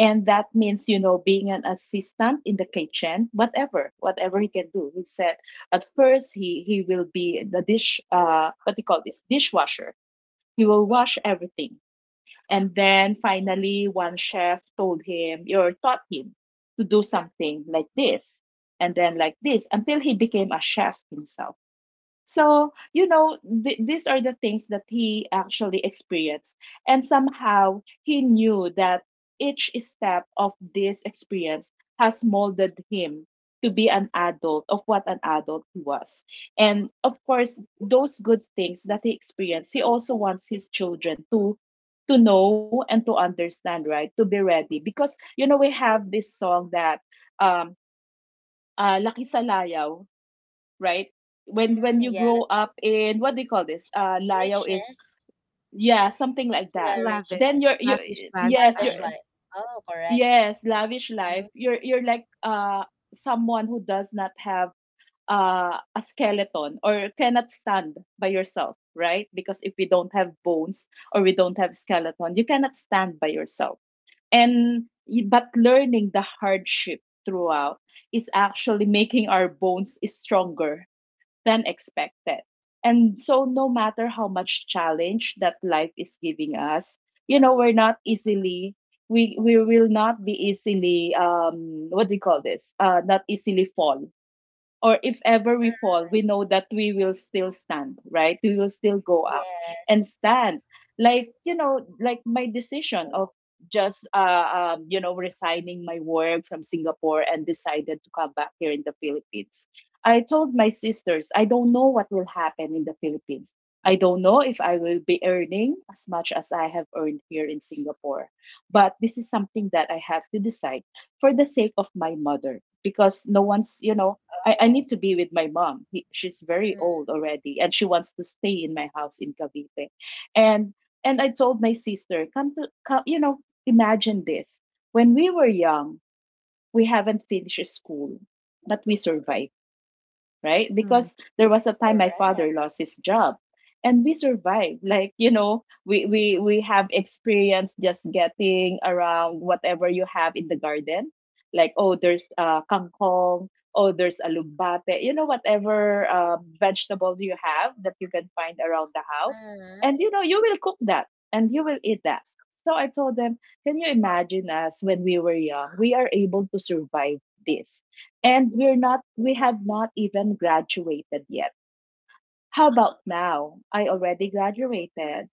Speaker 2: and that means, you know, being an assistant in the kitchen, whatever, whatever he can do. He said at first he will be the dish. What do you call this? Dishwasher. He will wash everything. And then finally, one chef told him, or taught him, to do something like this, and then like this, until he became a chef himself. So, you know, these are the things that he actually experienced. And somehow he knew that each step of this experience has molded him to be an adult, of what an adult he was. And of course, those good things that he experienced, he also wants his children to know and to understand, right, to be ready, because, you know, we have this song that, um Laki Salayaw, right? When
Speaker 1: Mm,
Speaker 2: you grow
Speaker 1: yes.
Speaker 2: up in, what do you call this? Layo is,
Speaker 1: Richness.
Speaker 2: yeah, something like
Speaker 1: Yeah,
Speaker 2: that.
Speaker 3: Lavish,
Speaker 2: Then
Speaker 1: richness.
Speaker 2: you're you
Speaker 3: lavish
Speaker 2: yes,
Speaker 1: Lavish
Speaker 2: you're,
Speaker 3: lifestyle.
Speaker 1: life. Oh, correct.
Speaker 2: yes, lavish
Speaker 1: Mm-hmm.
Speaker 2: life. You're like, someone who does not have, a skeleton, or cannot stand by yourself, right? Because if we don't have bones, or we don't have skeleton, you cannot stand by yourself. And but learning the hardship throughout is actually making our bones is stronger than expected. And so, no matter how much challenge that life is giving us, you know, we're not easily, we will not be easily, what do you call this? Not easily fall, or if ever
Speaker 1: Mm,
Speaker 2: we fall, we know that we will still stand, right? We will still go up
Speaker 1: yes.
Speaker 2: and stand. Like, you know, like my decision of just, you know, resigning my work from Singapore, and decided to come back here in the Philippines. I told my sisters, I don't know what will happen in the Philippines. I don't know if I will be earning as much as I have earned here in Singapore. But this is something that I have to decide for the sake of my mother, because no one's, you know, I
Speaker 1: Oh.
Speaker 2: need to be with my mom. She's very
Speaker 1: Mm-hmm.
Speaker 2: old already, and she wants to stay in my house in Cavite. And and I told my sister, come, you know, imagine this. When we were young, we haven't finished school, but we survived, right? Because there was a time my father
Speaker 1: Correct.
Speaker 2: lost his job, and we survived. Like, you know, we have experience just getting around whatever you have in the garden. Like, oh, there's kangkong. Oh, there's alugbate, you know, whatever vegetables you have that you can find around the house.
Speaker 1: Mm-hmm.
Speaker 2: And, you know, you will cook that and you will eat that. So I told them, can you imagine us when we were young? We are able to survive this. And we're not, we have not even graduated yet. How about now? I already graduated.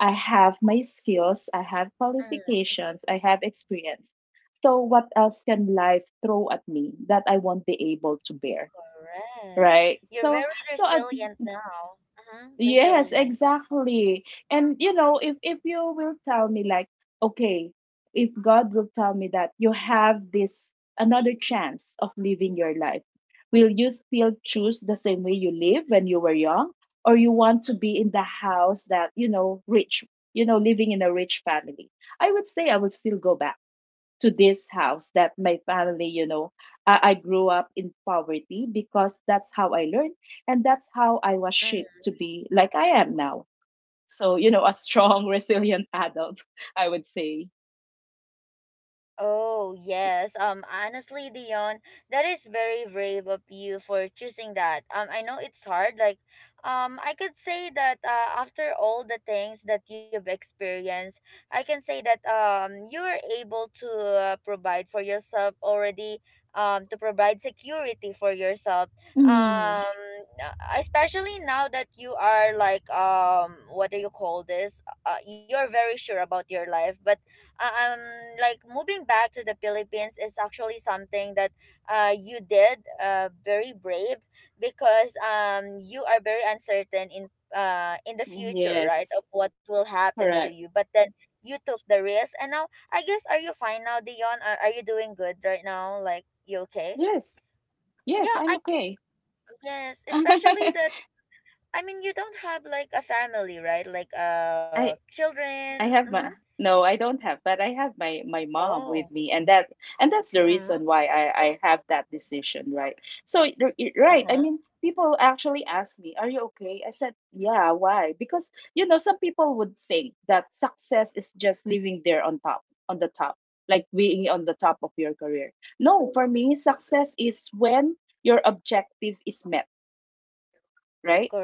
Speaker 2: I have my skills, I have
Speaker 1: Mm,
Speaker 2: qualifications, I have experience. So, what else can life throw at me that I won't be able to bear?
Speaker 1: correct.
Speaker 2: Right?
Speaker 1: You're
Speaker 2: So,
Speaker 1: very
Speaker 2: so at
Speaker 1: resilient now. Mm-hmm.
Speaker 2: yes,
Speaker 1: Resilient.
Speaker 2: exactly. And you know, if you will tell me, like, okay, if God will tell me that you have this another chance of living your life, will you still choose the same way you live when you were young, or you want to be in the house that, you know, rich, you know, living in a rich family? I would say I would still go back to this house that my family, you know, I grew up in poverty, because that's how I learned, and that's how I was shaped
Speaker 1: Mm-hmm.
Speaker 2: to be like I am now. So, you know, a strong, resilient adult, I would say.
Speaker 1: Oh, yes. Honestly, Dion, that is very brave of you for choosing that. I know it's hard. Like, I could say that after all the things that you've experienced, I can say that you were able to provide for yourself already. To provide security for yourself.
Speaker 2: Mm,
Speaker 1: Um, uh, especially now that you are like what do you call this? You're very sure about your life, but uh, um like moving back to the Philippines is actually something that you did, very brave, because you are very uncertain in the future, right,
Speaker 2: yes,
Speaker 1: of what will happen to you.
Speaker 2: correct.
Speaker 1: But then you took the risk, and now I guess, are you fine now, Dion? Are you doing good right now? Like, you okay?
Speaker 2: Yes, yes,
Speaker 1: Yeah,
Speaker 2: I'm
Speaker 1: I,
Speaker 2: okay.
Speaker 1: yes, especially that, I mean, you don't have like a family, right? Like,
Speaker 2: I
Speaker 1: children.
Speaker 2: I have
Speaker 1: Mm-hmm.
Speaker 2: my, no, I don't have, but I have my mom
Speaker 1: Oh.
Speaker 2: with me, and that's the
Speaker 1: Mm-hmm.
Speaker 2: reason why I have that decision, right? So right, I
Speaker 1: Uh-huh.
Speaker 2: mean, people actually ask me, "Are you okay?" I said, "Yeah." Why? Because, you know, some people would think that success is just living there on top, on the top, like being on the top of your career. No, for me, success is when your objective is met, right?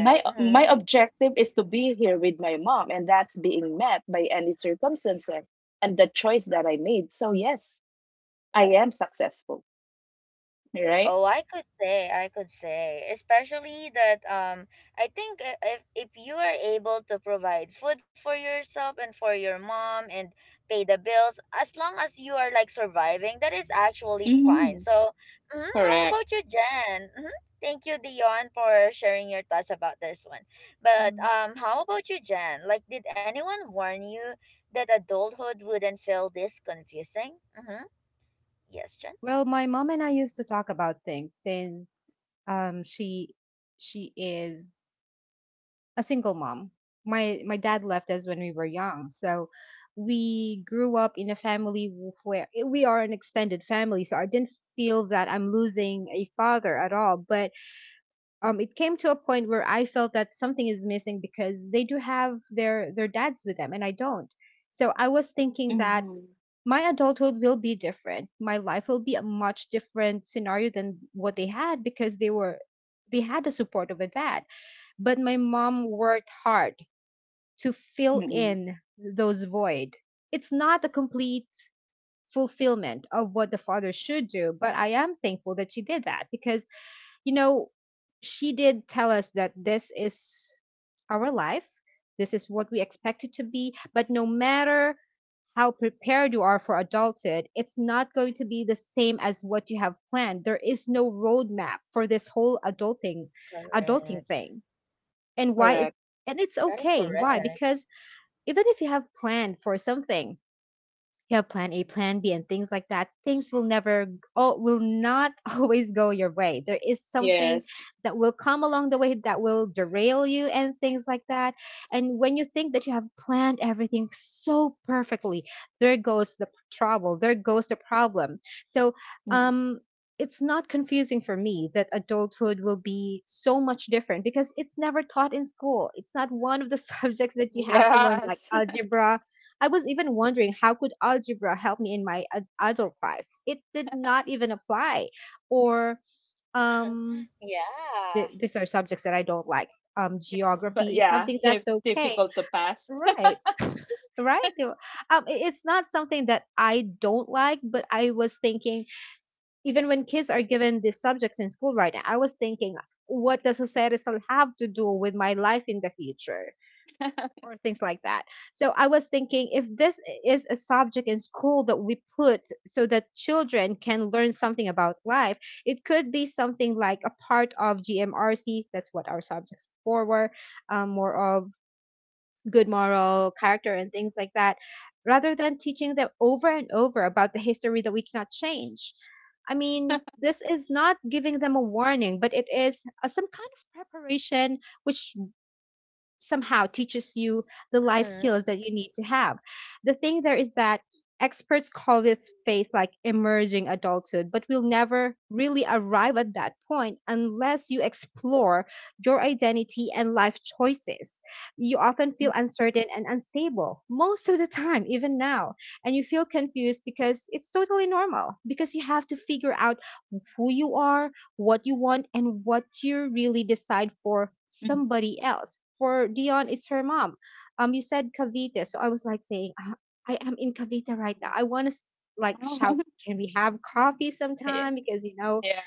Speaker 2: My
Speaker 1: Mm-hmm.
Speaker 2: objective is to be here with my mom, and that's being met by any circumstances and the choice that I made. So yes, I am successful, right?
Speaker 1: Oh, I could say, especially that I think, if you are able to provide food for yourself and for your mom and pay the bills, as long as you are like surviving, that is actually fine.
Speaker 2: Mm-hmm.
Speaker 1: So, mm, how
Speaker 2: Correct.
Speaker 1: about you, Jen? Mm-hmm. Thank you, Dion, for sharing your thoughts about this one. But
Speaker 3: Mm.
Speaker 1: how about you, Jen? Like, did anyone warn you that adulthood wouldn't feel this confusing? Mm-hmm. Yes, Jen.
Speaker 3: Well, my mom and I used to talk about things since she is a single mom. my dad left us when we were young, so we grew up in a family where we are an extended family. So I didn't feel that I'm losing a father at all. But it came to a point where I felt that something is missing because they do have their dads with them, and I don't. So I was thinking that
Speaker 2: Mm-hmm.
Speaker 3: my adulthood will be different. My life will be a much different scenario than what they had because they had the support of a dad. But my mom worked hard to fill
Speaker 2: Mm-hmm.
Speaker 3: in those void. It's not a complete fulfillment of what the father should do, but I am thankful that she did that because you know she did tell us that this is our life. This is what we expect it to be, but no matter how prepared you are for adulthood, it's not going to be the same as what you have planned. There is no roadmap for this whole adulting
Speaker 1: Correct.
Speaker 3: thing. And why
Speaker 2: Correct.
Speaker 3: it and it's
Speaker 1: That is
Speaker 3: okay. Why?
Speaker 1: correct.
Speaker 3: Because even if you have planned for something, you have plan A, plan B, and things like that. Things will never, will not always go your way. There is something
Speaker 2: Yes.
Speaker 3: that will come along the way that will derail you and things like that. And when you think that you have planned everything so perfectly, there goes the trouble, there goes the problem. So,
Speaker 2: Mm.
Speaker 3: um, it's not confusing for me that adulthood will be so much different because it's never taught in school. It's not one of the subjects that you have to learn, like
Speaker 2: Yes.
Speaker 3: algebra. I was even wondering, how could algebra help me in my adult life? It did not even apply. Or
Speaker 1: Mm.
Speaker 3: um
Speaker 1: Yeah.
Speaker 3: these are subjects that I don't like.
Speaker 2: Yes, but
Speaker 3: Geography is
Speaker 2: yeah,
Speaker 3: something that's okay.
Speaker 2: difficult to pass.
Speaker 3: Right. Right. You- It's not something that I don't like, but I was thinking, even when kids are given these subjects in school right now, I was thinking, what does society have to do with my life in the future? Or things like that. So I was thinking, if this is a subject in school that we put so that children can learn something about life, it could be something like a part of GMRC. That's what our subjects before were, more of good moral character and things like that, rather than teaching them over and over about the history that we cannot change. I mean, this is not giving them a warning, but it is some kind of preparation which somehow teaches you the life
Speaker 1: Mm.
Speaker 3: skills that you need to have. The thing there is that experts call this phase like emerging adulthood, but we'll never really arrive at that point unless you explore your identity and life choices. You often feel uncertain and unstable most of the time, even now, and you feel confused because it's totally normal, because you have to figure out who you are, what you want, and what you really decide for
Speaker 2: Mm-mm.
Speaker 3: somebody else. For Dion, it's her mom. You said Cavite, so I was like saying, "Ah, I am in Cavite right now. I want to like shout,
Speaker 2: Oh,
Speaker 3: can we have coffee
Speaker 2: yeah.
Speaker 3: sometime?" Because
Speaker 2: Yeah.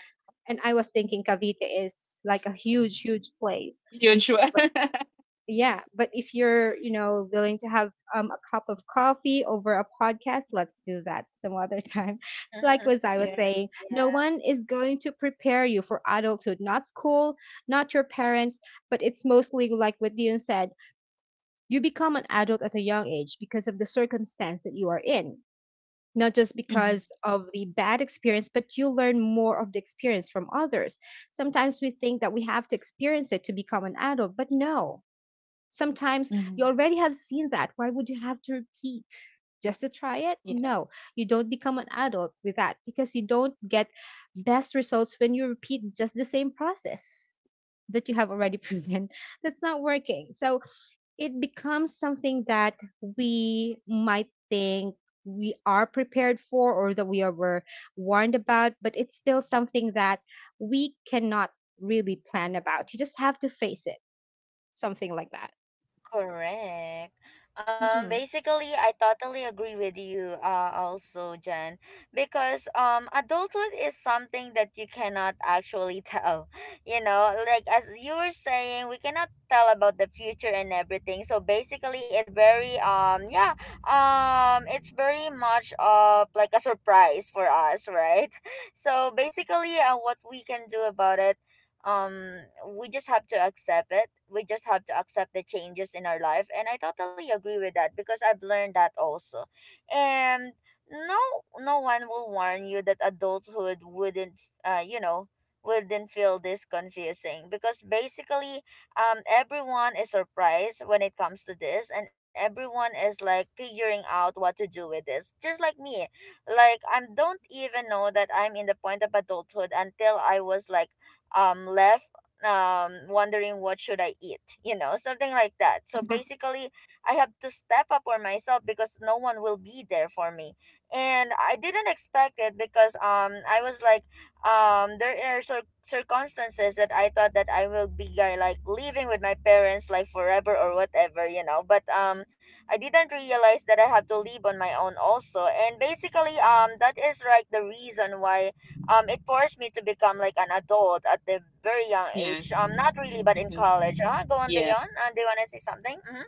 Speaker 3: and I was thinking, Cavite is like a huge, huge place.
Speaker 2: Usual.
Speaker 3: But yeah, but if you're willing to have a cup of coffee over a podcast, let's do that some other time. Like was I was
Speaker 2: Yeah.
Speaker 3: saying, no one
Speaker 1: Yeah.
Speaker 3: is going to prepare you for adulthood, not school, not your parents, but it's mostly like what Dion said. You become an adult at a young age because of the circumstance that you are in, not just
Speaker 2: Mm-hmm.
Speaker 3: because of the bad experience, but you learn more of the experience from others. Sometimes we think that we have to experience it to become an adult, but no. Sometimes you
Speaker 2: Mm-hmm.
Speaker 3: already have seen that. Why would you have to repeat just to try it? No,
Speaker 2: Yes.
Speaker 3: you don't become an adult with that, because you don't get best results when you repeat just the same process that you have already proven that's not working. So it becomes something that we might think we are prepared for, or that we are, were warned about, but it's still something that we cannot really plan about. You just have to face it, something like that.
Speaker 1: Correct.
Speaker 3: Mhm.
Speaker 1: Basically, I totally agree with you. Also, Jen, because adulthood is something that you cannot actually tell. You know, like, as you were saying, we cannot tell about the future and everything. So basically, it's very yeah, it's very much of like a surprise for us, right? So basically, what we can do about it, um we just have to accept it. We just have to accept the changes in our life, and I totally agree with that because I've learned that also. And no one will warn you that adulthood wouldn't, you know, wouldn't feel this confusing, because basically, everyone is surprised when it comes to this, and everyone is like figuring out what to do with this, just like me. Like, I don't even know that I'm in the point of adulthood until I was like, left, wondering what should I eat, you know, something like that. So
Speaker 2: Uh-huh.
Speaker 1: basically, I have to step up for myself because no one will be there for me. And I didn't expect it because I was like, there are circumstances that I thought that I will be, like, living with my parents like forever or whatever, you know. But I didn't realize that I have to live on my own also. And basically, that is like the reason why, it forced me to become like an adult at the very young age.
Speaker 2: Yes.
Speaker 1: Um, not really, but in
Speaker 2: Mm-hmm.
Speaker 1: college. Ah, go on,
Speaker 2: Yeah.
Speaker 1: Dion, do you want to say something? Mm-hmm.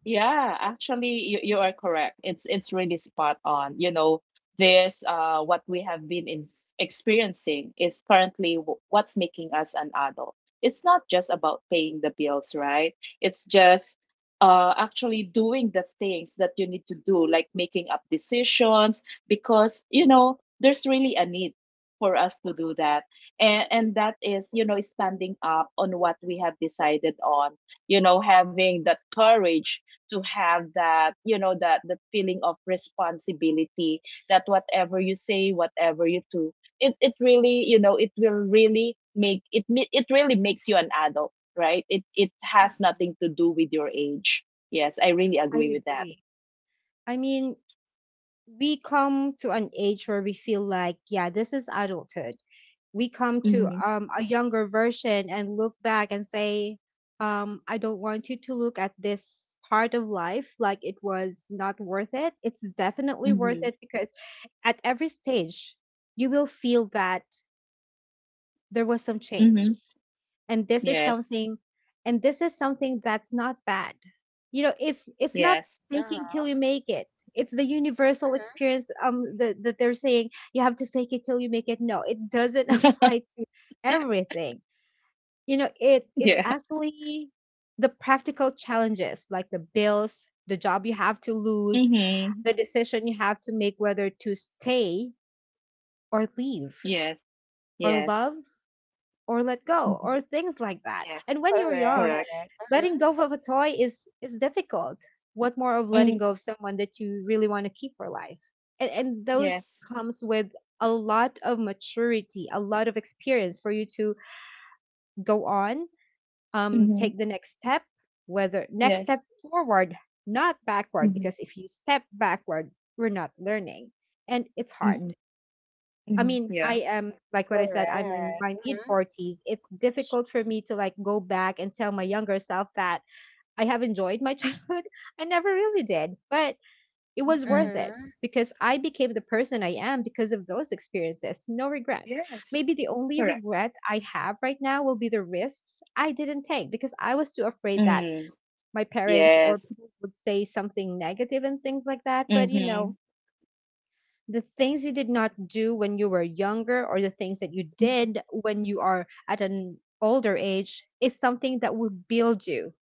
Speaker 2: Yeah, actually, you are correct. It's, really spot on. You know, this, what we have been in, experiencing, is currently what's making us an adult. It's not just about paying the bills, right? It's just, actually doing the things that you need to do, like making up decisions, because, you know, there's really a need for us to do that. And that is, you know, standing up on what we have decided on, you know, having that courage, to have that, you know, that the feeling of responsibility, that whatever you say, whatever you do, it really, you know, it will really make it really makes you an adult, right? It has
Speaker 3: Mm-mm.
Speaker 2: nothing to do with your age. Yes, I really
Speaker 3: I
Speaker 2: agree with that.
Speaker 3: agree. I mean, we come to an age where we feel like, yeah, this is adulthood. We come to
Speaker 2: Mhm.
Speaker 3: a younger version and look back and say, I don't want you to look at this part of life like it was not worth it. It's definitely worth
Speaker 2: Mhm.
Speaker 3: it because at every stage, you will feel that there was some change.
Speaker 2: Mhm.
Speaker 3: and this is
Speaker 2: Yes.
Speaker 3: something and this is something that's not bad. You know, it's not
Speaker 2: Yes.
Speaker 1: Uh,
Speaker 3: faking till you make it. It's the universal
Speaker 1: hmm.
Speaker 3: experience, that they're saying you have to fake it till you make it. No, it doesn't apply to everything. You know, it it's
Speaker 2: Yeah.
Speaker 3: actually the practical challenges, like the bills, the job you have to lose,
Speaker 2: Mhm.
Speaker 3: the decision you have to make whether to stay or leave,
Speaker 2: Yes.
Speaker 3: or
Speaker 2: Yes.
Speaker 3: love, or let go,
Speaker 2: Mhm.
Speaker 3: or things like that.
Speaker 2: Yes.
Speaker 3: And when you're
Speaker 1: Correct.
Speaker 3: young,
Speaker 2: Correct.
Speaker 1: Mm-hmm.
Speaker 3: letting go of a toy is difficult. What more of letting
Speaker 2: Mm.
Speaker 3: go of someone that you really want to keep for life? And those
Speaker 2: Yes.
Speaker 3: comes with a lot of maturity, a lot of experience for you to go on,
Speaker 2: Mhm.
Speaker 3: take the next step, whether next
Speaker 2: Yes.
Speaker 3: step forward, not backward,
Speaker 2: Mhm.
Speaker 3: because if you step backward, we're not learning. And it's hard.
Speaker 2: Mhm.
Speaker 3: I
Speaker 2: Mhm.
Speaker 3: mean, I
Speaker 2: Yeah.
Speaker 3: am like what I
Speaker 1: Correct.
Speaker 3: said, I'm in my mid
Speaker 1: Mm-hmm.
Speaker 3: forties. It's difficult for me to like go back and tell my younger self that I have enjoyed my childhood. I never really did, but it was
Speaker 2: Mhm.
Speaker 3: worth it
Speaker 1: Mm-hmm.
Speaker 3: because I became the person I am because of those experiences. No regrets.
Speaker 2: Yes,
Speaker 3: Maybe the only
Speaker 2: correct.
Speaker 3: regret I have right now will be the risks I didn't take because I was too afraid that
Speaker 2: Mm,
Speaker 3: my parents or
Speaker 2: yes.
Speaker 3: people would say something negative and things like that. But
Speaker 2: Mm-hmm.
Speaker 3: the things you did not do when you were younger or the things that you did when you are at an older age is something that will build you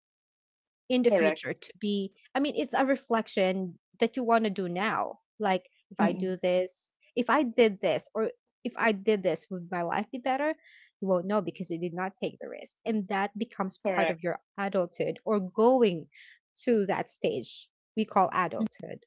Speaker 3: in the
Speaker 2: Correct.
Speaker 3: future to be it's a reflection that you want to do now. Like if I do
Speaker 2: Mm-mm.
Speaker 3: this if I did this or if I did this would my life be better? You won't know because you did not take the risk, and that becomes part
Speaker 2: Correct.
Speaker 3: of your adulthood or going to that stage we call adulthood.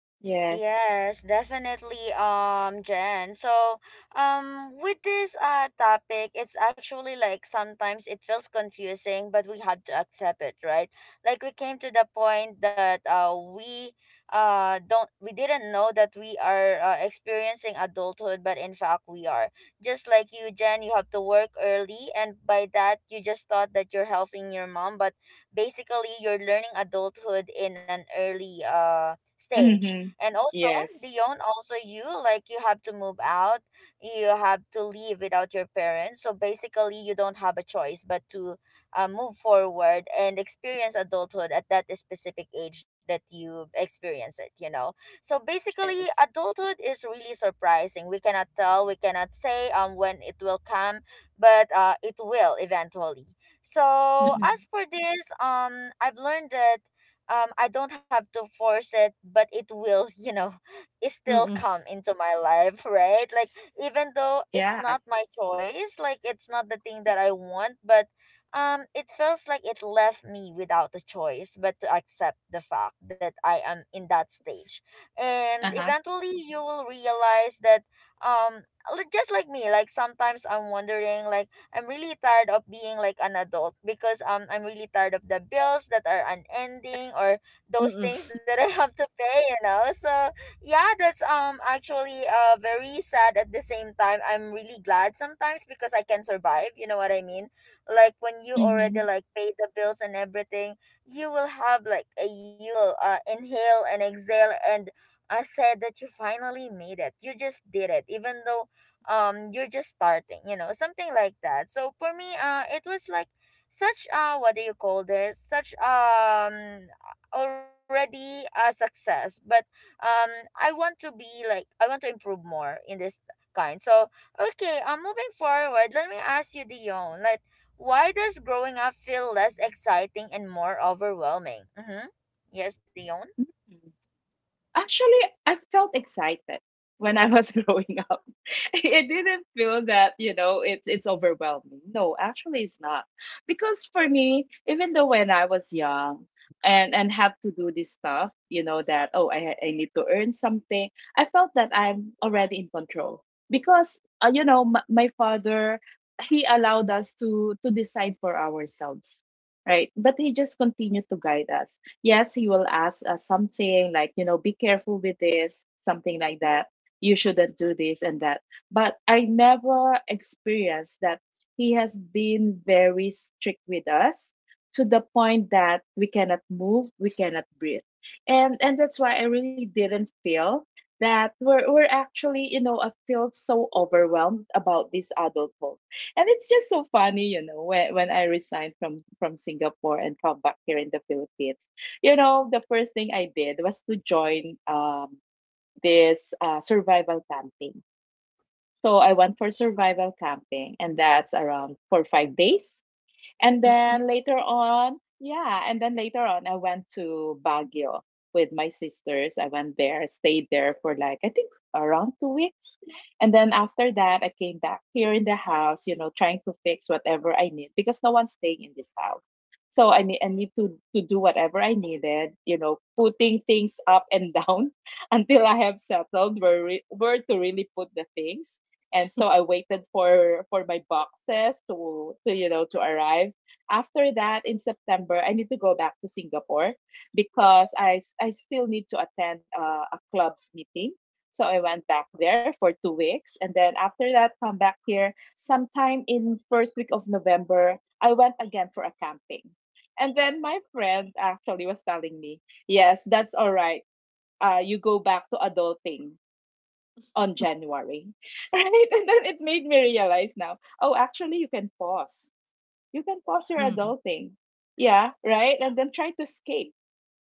Speaker 2: Yes.
Speaker 1: Yes, definitely, Jen. So, with this topic, it's actually like sometimes it feels confusing, but we have to accept it, right? Like, we came to the point that we didn't know that we are, experiencing adulthood, but in fact we are. Just like you, Jen, you have to work early, and by that you just thought that you're helping your mom, but basically you're learning adulthood in an early stage.
Speaker 2: Mm-hmm.
Speaker 1: And also,
Speaker 2: Yes.
Speaker 1: Dion, also you, like you have to move out, you have to leave without your parents. So basically, you don't have a choice but to, move forward and experience adulthood at that specific age that you experience it, you know. So basically,
Speaker 2: Yes.
Speaker 1: adulthood is really surprising. We cannot tell, we cannot say when it will come, but it will eventually. So
Speaker 3: mm
Speaker 2: Mm-hmm.
Speaker 1: as for this, I've learned that I don't have to force it, but it will, you know, it still
Speaker 3: mm
Speaker 1: come into my life, right? Like, even though
Speaker 2: Yeah.
Speaker 1: it's not my choice, like it's not the thing that I want, but it feels like it left me without a choice but to accept the fact that I am in that
Speaker 2: Yes.
Speaker 1: stage. And
Speaker 3: mm
Speaker 2: Uh-huh.
Speaker 1: eventually you will realize that, um just like me, like sometimes I'm wondering like I'm really tired of being like an adult because I'm really tired of the bills that are unending, or those
Speaker 3: mm
Speaker 1: things that I have to pay, you know. So yeah, that's actually very sad. At the same time, I'm really glad sometimes because I can survive, you know what I mean? Like, when you already
Speaker 2: Mm-hmm.
Speaker 1: like pay the bills and everything, you will have like a, you will inhale and exhale, and I said that you finally made it. You just did it. Even though you're just starting, you know, something like that. So for me, it was like such, what do you call this, such, already a success. But um I want to be like, I want to improve more in this kind. So okay, I'm, moving forward, let me ask you, Dion, like, why does growing up feel less exciting and more overwhelming? Mm-hmm. Yes, Dion.
Speaker 2: Mm-hmm. Actually, I felt excited when I was growing up. It didn't feel that, you know, it's, overwhelming. No, actually it's not. Because for me, even though when I was young, and have to do this stuff, you know, that, oh, I need to earn something, I felt that I'm already in control. Because, you know, my father, he allowed us to decide for ourselves, right? But he just continued to guide us, yes. He will ask us something like, you know, be careful with this, something like that. You shouldn't do this and that. But I never experienced that he has been very strict with us, to the point that we cannot move, we cannot breathe. And that's why I really didn't feel that we're actually, you know, I feel so overwhelmed about this adulthood. And it's just so funny, you know, when I resigned from Singapore and come back here in the Philippines. You know, the first thing I did was to join, this, survival camping. So I went for survival camping, and that's around for 5 days. And
Speaker 3: mm
Speaker 2: then later on, yeah, and then later on, I went to Baguio with my sisters. I went there, stayed there for like, I think around 2 weeks. And then after that, I came back here in the house, you know, trying to fix whatever I need because no one's staying in this house. So I need to do whatever I needed, putting things up and down until I have settled where to really put the things, and so I waited for my boxes to to arrive. After that, in September, I need to go back to Singapore because I still need to attend a club's meeting. So I went back there for 2 weeks, and then after that, come back here sometime in first week of November. I went again for a camping, and then my friend actually was telling me, yes, that's all right. You go back to adulting on January. Right? And then it made me realize now, oh, actually, you can pause. You can pause your
Speaker 3: mm
Speaker 2: adulting. Yeah, right? And then try to escape.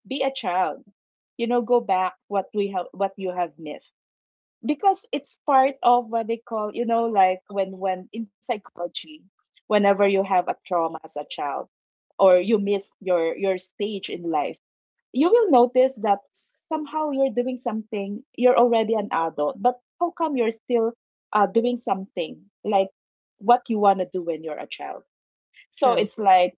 Speaker 2: Be a child. You know, go back what you have missed, because it's part of what they call, like when in psychology, whenever you have a trauma as a child or you miss your stage in life, you will notice that somehow you're doing something. You're already an adult, but how come you're still doing something like what you want to do when you're a child? So
Speaker 3: True.
Speaker 2: it's like,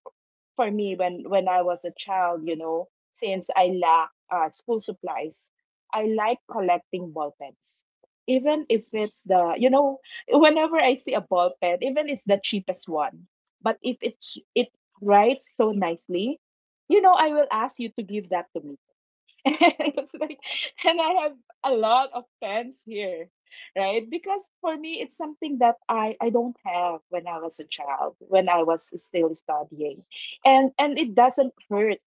Speaker 2: for me, when I was a child, since I lack school supplies, I like collecting ball pens. Even if it's the, whenever I see a ball pen, even it's the cheapest one, but if it writes so nicely, I will ask you to give that to me. And it's like, and I have a lot of fans here, right? Because for me, it's something that I don't have when I was a child, when I was still studying. And it doesn't hurt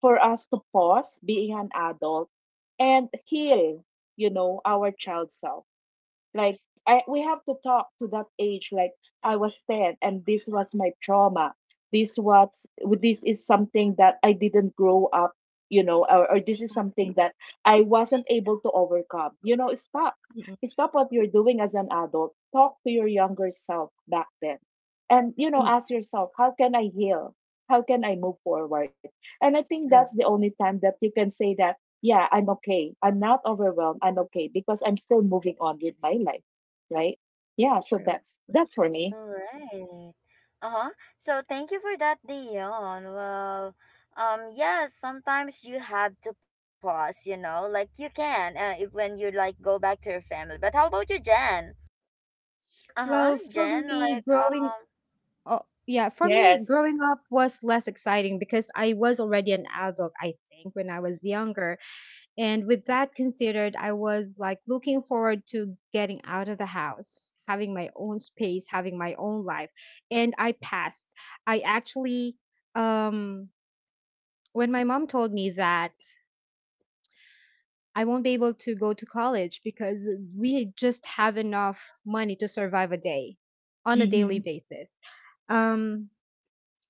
Speaker 2: for us to pause being an adult and heal, our child self. Like, we have to talk to that age. Like, I was 10, and this was my trauma. This is something that I didn't grow up, you know, or this is
Speaker 3: I've
Speaker 2: something
Speaker 3: been-
Speaker 2: that I wasn't able to overcome. Stop,
Speaker 3: mm, mm,
Speaker 2: stop what you're doing as an adult. Talk to your younger self back then, and
Speaker 3: mm,
Speaker 2: ask yourself, how can I heal? How can I move forward? And I think that's the
Speaker 3: true
Speaker 2: only time that you can say that, yeah, I'm okay. I'm not overwhelmed. I'm okay because I'm still moving on with my life, right? Yeah, so
Speaker 3: True.
Speaker 2: that's for
Speaker 1: All
Speaker 2: me.
Speaker 1: right. Uh-huh. So thank you for that, Dion. Well, yes, sometimes you have to pause, you know, like you can, if, when you like go back to your family. But how about you, Jen? Uh-huh,
Speaker 3: Well for
Speaker 1: Jen, like,
Speaker 3: me growing Oh, yeah. For me,
Speaker 2: Yes.
Speaker 3: growing up was less exciting because I was already an adult, I think, when I was younger. And with that considered, I was like looking forward to getting out of the house, having my own space, having my own life. And I passed. I actually, um, when my mom told me that I won't be able to go to college because we just have enough money to survive a day on a daily
Speaker 2: Mhm.
Speaker 3: basis. Um,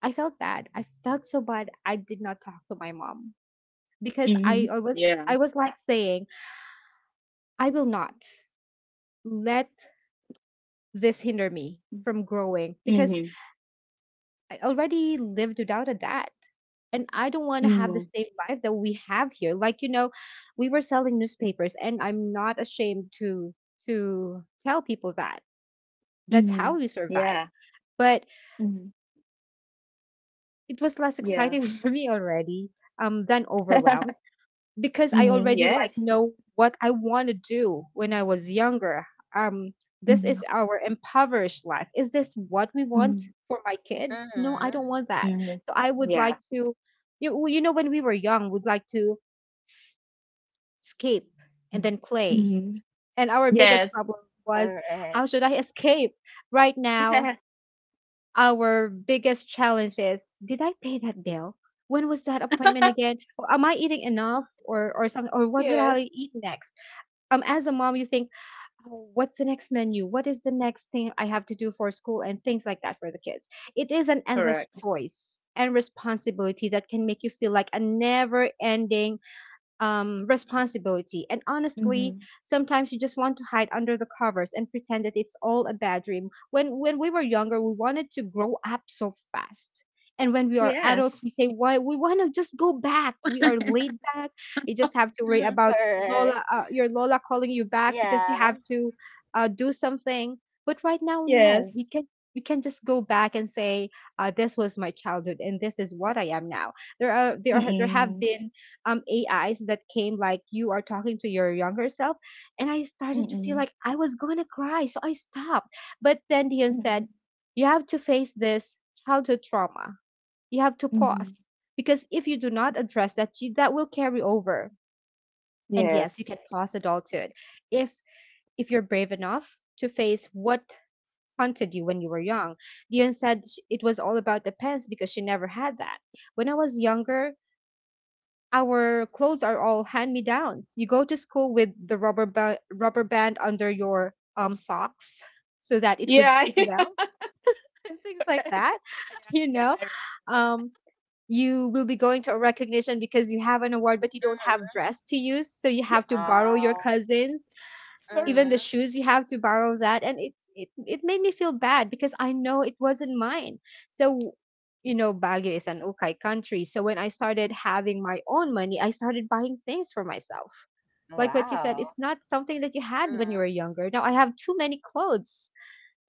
Speaker 3: I felt bad. I felt so bad. I did not talk to my mom because I,
Speaker 2: Mhm.
Speaker 3: I was
Speaker 2: Yeah.
Speaker 3: I was like saying I will not let this hinder me from growing, because
Speaker 2: Mhm.
Speaker 3: I already lived without a dad and I don't want to have the
Speaker 2: Mhm.
Speaker 3: same life that we have here. Like, you know, we were selling newspapers, and I'm not ashamed to tell people that. That's
Speaker 2: Mhm.
Speaker 3: how we
Speaker 2: Yeah.
Speaker 3: survived. But
Speaker 2: Mhm.
Speaker 3: it was less
Speaker 2: Yeah.
Speaker 3: exciting for me already, than overwhelmed, because I
Speaker 2: Mhm.
Speaker 3: already like
Speaker 2: Yes.
Speaker 3: know what I want to do when I was younger. Um, this
Speaker 2: Mhm.
Speaker 3: is our impoverished life. Is this what we want
Speaker 2: Mhm.
Speaker 3: for my kids? No, I
Speaker 1: mm-hmm,
Speaker 3: don't want that.
Speaker 2: Mhm.
Speaker 3: So I would
Speaker 2: Yeah.
Speaker 3: like to, you, well, you know, when we were young, we'd like to escape and
Speaker 2: Mhm.
Speaker 3: then play.
Speaker 2: Mhm.
Speaker 3: And our biggest
Speaker 2: Yes.
Speaker 3: problem was,
Speaker 1: correct,
Speaker 3: how should I escape? Right now,
Speaker 2: Yes.
Speaker 3: our biggest challenge is, did I pay that bill? When was that appointment again? Or am I eating enough, or something? Or what would
Speaker 2: Yes.
Speaker 3: I eat next? As a mom, you think, oh, what's the next menu, what is the next thing I have to do for school and things like that for the kids. It is an endless
Speaker 2: Correct.
Speaker 3: choice and responsibility that can make you feel like a never ending responsibility. And honestly,
Speaker 2: Mhm.
Speaker 3: sometimes you just want to hide under the covers and pretend that it's all a bad dream. When we were younger, we wanted to grow up so fast. And when we are adults,
Speaker 2: Yes.
Speaker 3: we say, "Why we want to just go back? We are laid back. You just have to worry about
Speaker 1: correct,
Speaker 3: Lola, your Lola calling you back because
Speaker 1: yeah,
Speaker 3: you have to do something." But right now, no,
Speaker 2: Yes.
Speaker 3: we can just go back and say, "This was my childhood, and this is what I am now." There are there are, there have
Speaker 2: Mm-mm.
Speaker 3: been AIs that came, like you are talking to your younger self, and I started to feel
Speaker 2: Mm-mm.
Speaker 3: like I was going to cry, so I stopped. But then Dion said,
Speaker 2: Mm-mm.
Speaker 3: you have to face this childhood trauma, you have to
Speaker 2: Mm-mm.
Speaker 3: pause, because if you do not address that, that will carry over. And yes, you
Speaker 2: Yes.
Speaker 3: can pause adulthood if you're brave enough to face what haunted you when you were young. Dion said, it was all about the pants because she never had that. When I was younger, our clothes are all hand-me-downs. You go to school with the rubber band under your socks so that it would
Speaker 2: Yeah,
Speaker 3: fit well, and things like
Speaker 2: correct.
Speaker 3: that.
Speaker 2: Yeah,
Speaker 3: You
Speaker 2: yeah,
Speaker 3: know,
Speaker 2: I remember that.
Speaker 3: um, you will be going to a recognition because you have an award, but you don't have
Speaker 1: Mm-hmm.
Speaker 3: dress to use, so you
Speaker 2: Yes,
Speaker 3: have to borrow your
Speaker 1: Oh,
Speaker 3: cousins,
Speaker 2: it's correct.
Speaker 3: even
Speaker 1: mm-hmm,
Speaker 3: the shoes you have to borrow that, and it made me feel bad because I know it wasn't mine. So, you know, Baguio is an okay country, so when I started having my own money, I started buying things for myself. Like what you said,
Speaker 1: wow,
Speaker 2: Yeah.
Speaker 3: it's not something that you had when you were
Speaker 1: mm-hmm,
Speaker 3: younger. Now I have too many clothes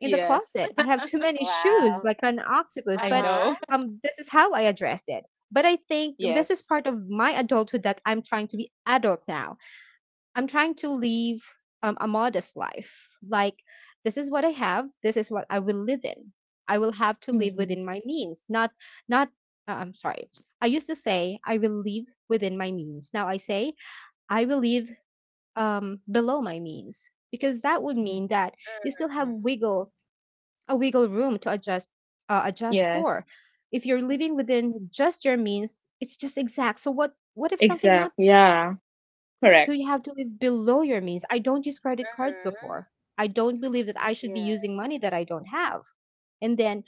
Speaker 3: in the closet, I have too many shoes
Speaker 1: wow,
Speaker 3: like an octopus.
Speaker 2: I
Speaker 3: But
Speaker 2: know.
Speaker 1: uh-huh,
Speaker 3: this is how I address it. But I think this is
Speaker 2: Yes.
Speaker 3: part of my adulthood, that I'm trying to be adult now. I'm trying to live a modest life. Like, this is what I have. This is what I will live in. I will have to live
Speaker 2: Mm-hmm.
Speaker 3: within my means. Not, not. I'm sorry. I used to say I will live within my means. Now I say I will live below my means, because that would mean that you still have
Speaker 1: mm-hmm,
Speaker 3: wiggle a wiggle room to adjust adjust
Speaker 2: Yes,
Speaker 3: for. If you're living within just your means, it's just exact. So what if something
Speaker 2: exact.
Speaker 3: happens?
Speaker 2: Yeah,
Speaker 3: So
Speaker 2: correct.
Speaker 3: you have to live below your means. I don't use credit cards
Speaker 1: Mm-hmm.
Speaker 3: before. I don't believe that I should be
Speaker 1: Yeah,
Speaker 3: using money that I don't have. And then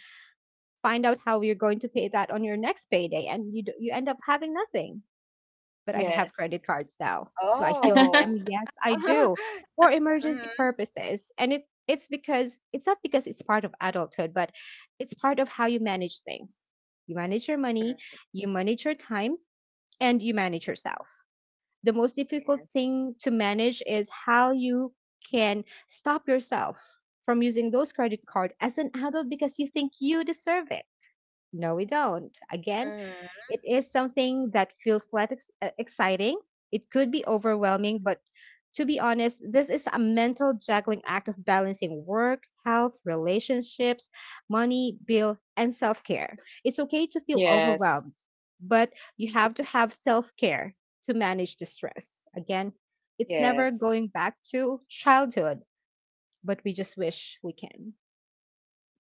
Speaker 3: find out how you're going to pay that on your next payday, and you end up having nothing. But I have
Speaker 2: Yes.
Speaker 3: credit cards now. Do I still use
Speaker 1: oh,
Speaker 2: Correct.
Speaker 3: them? Yes, I do. For emergency
Speaker 1: Mm-hmm.
Speaker 3: purposes. And it's because it's not because it's part of adulthood, but it's part of how you manage things. You manage your money, you manage your time, and you manage yourself. The most difficult
Speaker 2: Yes.
Speaker 3: thing to manage is how you can stop yourself from using those credit card as an adult because you think you deserve it. No, we don't. Again,
Speaker 1: Mm-hmm.
Speaker 3: it is something that feels like exciting. It could be overwhelming, but to be honest, this is a mental juggling act of balancing work, health, relationships, money, bill, and self care. It's okay to feel
Speaker 2: Yes.
Speaker 3: overwhelmed, but you have to
Speaker 2: Yes.
Speaker 3: have self care to manage the stress. Again, it's never
Speaker 2: Yes.
Speaker 3: going back to childhood, but we just wish we can.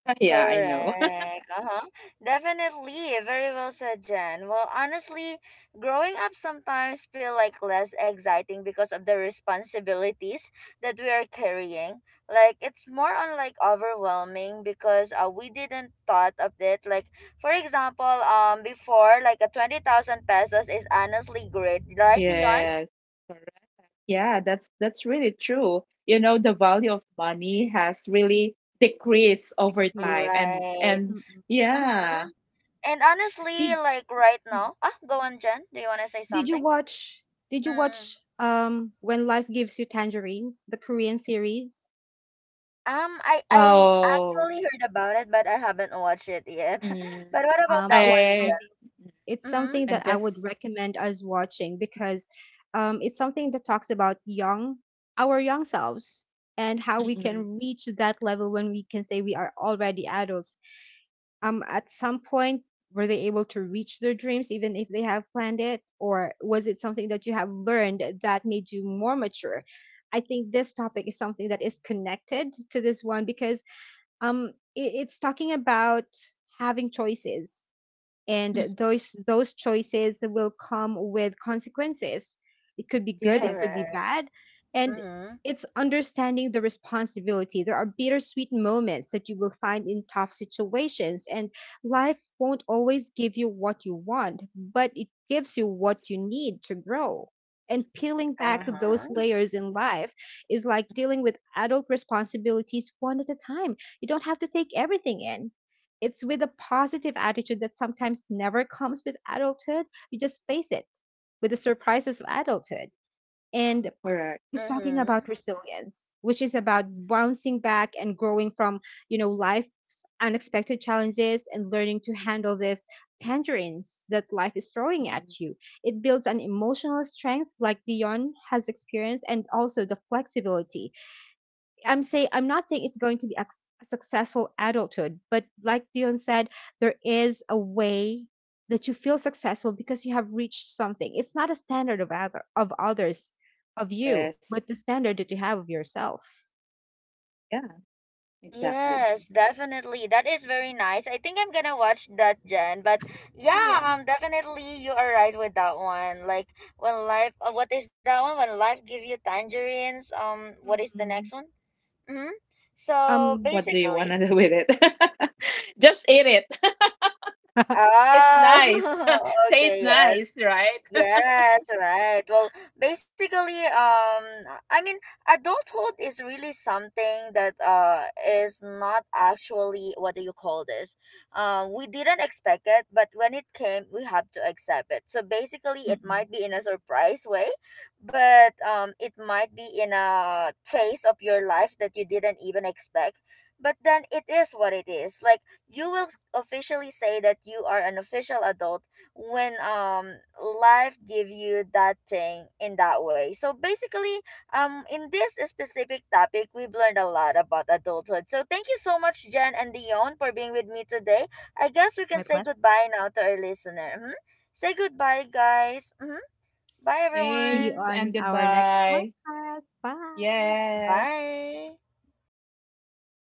Speaker 2: Yeah, I know.
Speaker 1: Correct. Uh-huh. Definitely. Very well said, Jen. Well, honestly, growing up sometimes feel like less exciting because of the responsibilities that we are carrying. Like, it's more on like overwhelming because we didn't thought of it. Like, for example, before, like a 20,000 pesos is honestly great, right, Dion?
Speaker 2: Yes. Correct. Yeah, that's really true. The value of money has really decreased over
Speaker 3: Please.
Speaker 2: time, and
Speaker 1: Right.
Speaker 2: and
Speaker 3: Mm-mm.
Speaker 1: Mm-hmm.
Speaker 2: yeah.
Speaker 1: And honestly,
Speaker 3: Did
Speaker 1: like right now, ah, go on, Jen. Do you want to say
Speaker 3: did you
Speaker 1: something?
Speaker 3: watch, did you
Speaker 1: Mm.
Speaker 3: watch When Life Gives You Tangerines, the Korean series?
Speaker 1: I
Speaker 2: Oh,
Speaker 1: actually heard about it, but I haven't watched it yet.
Speaker 2: mm,
Speaker 1: But what about
Speaker 2: I
Speaker 1: that
Speaker 3: It's
Speaker 1: one,
Speaker 3: something,
Speaker 2: mm,
Speaker 3: it's
Speaker 1: Jen? Mm-hmm.
Speaker 3: something
Speaker 2: I'm
Speaker 3: that I would
Speaker 2: just.
Speaker 3: recommend us watching, because it's something that talks about young, our young selves, and how we
Speaker 2: mm-mm,
Speaker 3: can reach that level when we can say we are already adults. At some point, were they able to reach their dreams even if they have planned it, or was it something that you have learned that made you more mature? I think this topic is something that is connected to this one because it's talking about having choices,
Speaker 2: mm,
Speaker 3: and those choices will come with consequences. It could be good, it could
Speaker 2: yes.
Speaker 3: be
Speaker 1: Correct.
Speaker 3: bad. And
Speaker 1: Mm-hmm.
Speaker 3: it's understanding the responsibility. There are bittersweet moments that you will find in tough situations, and life won't always give you what you want, but it gives you what you need to grow. And peeling back
Speaker 2: Yeah,
Speaker 3: those
Speaker 1: Uh-huh.
Speaker 2: that's good.
Speaker 3: layers in life is like dealing with adult responsibilities one at a time. You don't have to take everything in. It's with a positive attitude that sometimes never comes with adulthood. You just face it with the surprises of adulthood. And
Speaker 2: Correct.
Speaker 3: it's talking about
Speaker 1: Mm-hmm.
Speaker 3: resilience, which is about bouncing back and growing from, you know, life's unexpected challenges, and learning to handle these tangerines that life is throwing at
Speaker 2: Mm-mm,
Speaker 3: you. It builds an emotional strength like Dion has experienced, and also the flexibility. I'm saying, I'm not saying it's going to be a, a successful adulthood, but like Dion said, there is a way that you feel successful because you have reached something. It's not a standard of other of others of you,
Speaker 2: yes.
Speaker 3: but the standard that you have of yourself.
Speaker 2: Yeah, exactly.
Speaker 1: Yes, definitely. That is very nice. I think I'm gonna watch that, Jen. But yeah,
Speaker 3: Yeah.
Speaker 1: definitely you are right with that one. Like, when life, what is that one? When Life Give You Tangerines. What is the next
Speaker 3: Mm-mm.
Speaker 1: one? Mm-hmm. So
Speaker 3: Um,
Speaker 2: What do you want
Speaker 1: basically,
Speaker 2: to do with it? Just eat it. It's nice.
Speaker 1: oh,
Speaker 2: Tastes
Speaker 1: okay, yes.
Speaker 2: nice, right?
Speaker 1: Yes, right. Well, basically, I mean, adulthood is really something that is not actually, what do you call this? We didn't expect it, but when it came, we have to accept it. So basically, it
Speaker 3: mm-mm.
Speaker 1: might be in a surprise way, but it might be in a phase of your life that you didn't even expect. But then, it is what it is. Like, you will officially say that you are an official adult when life give you that thing in that way. So basically, in this specific topic, we've learned a lot about adulthood. So thank you so much, Jen and Dion, for being with me today. I guess we can
Speaker 3: My
Speaker 1: say
Speaker 3: pleasure.
Speaker 1: goodbye now to our listener. Hmm. Say goodbye, guys. Hmm. Bye,
Speaker 3: See
Speaker 2: Thanks
Speaker 3: you
Speaker 1: everyone.
Speaker 2: and
Speaker 3: on our next
Speaker 2: goodbye.
Speaker 3: podcast. Bye.
Speaker 2: Yes.
Speaker 1: Bye.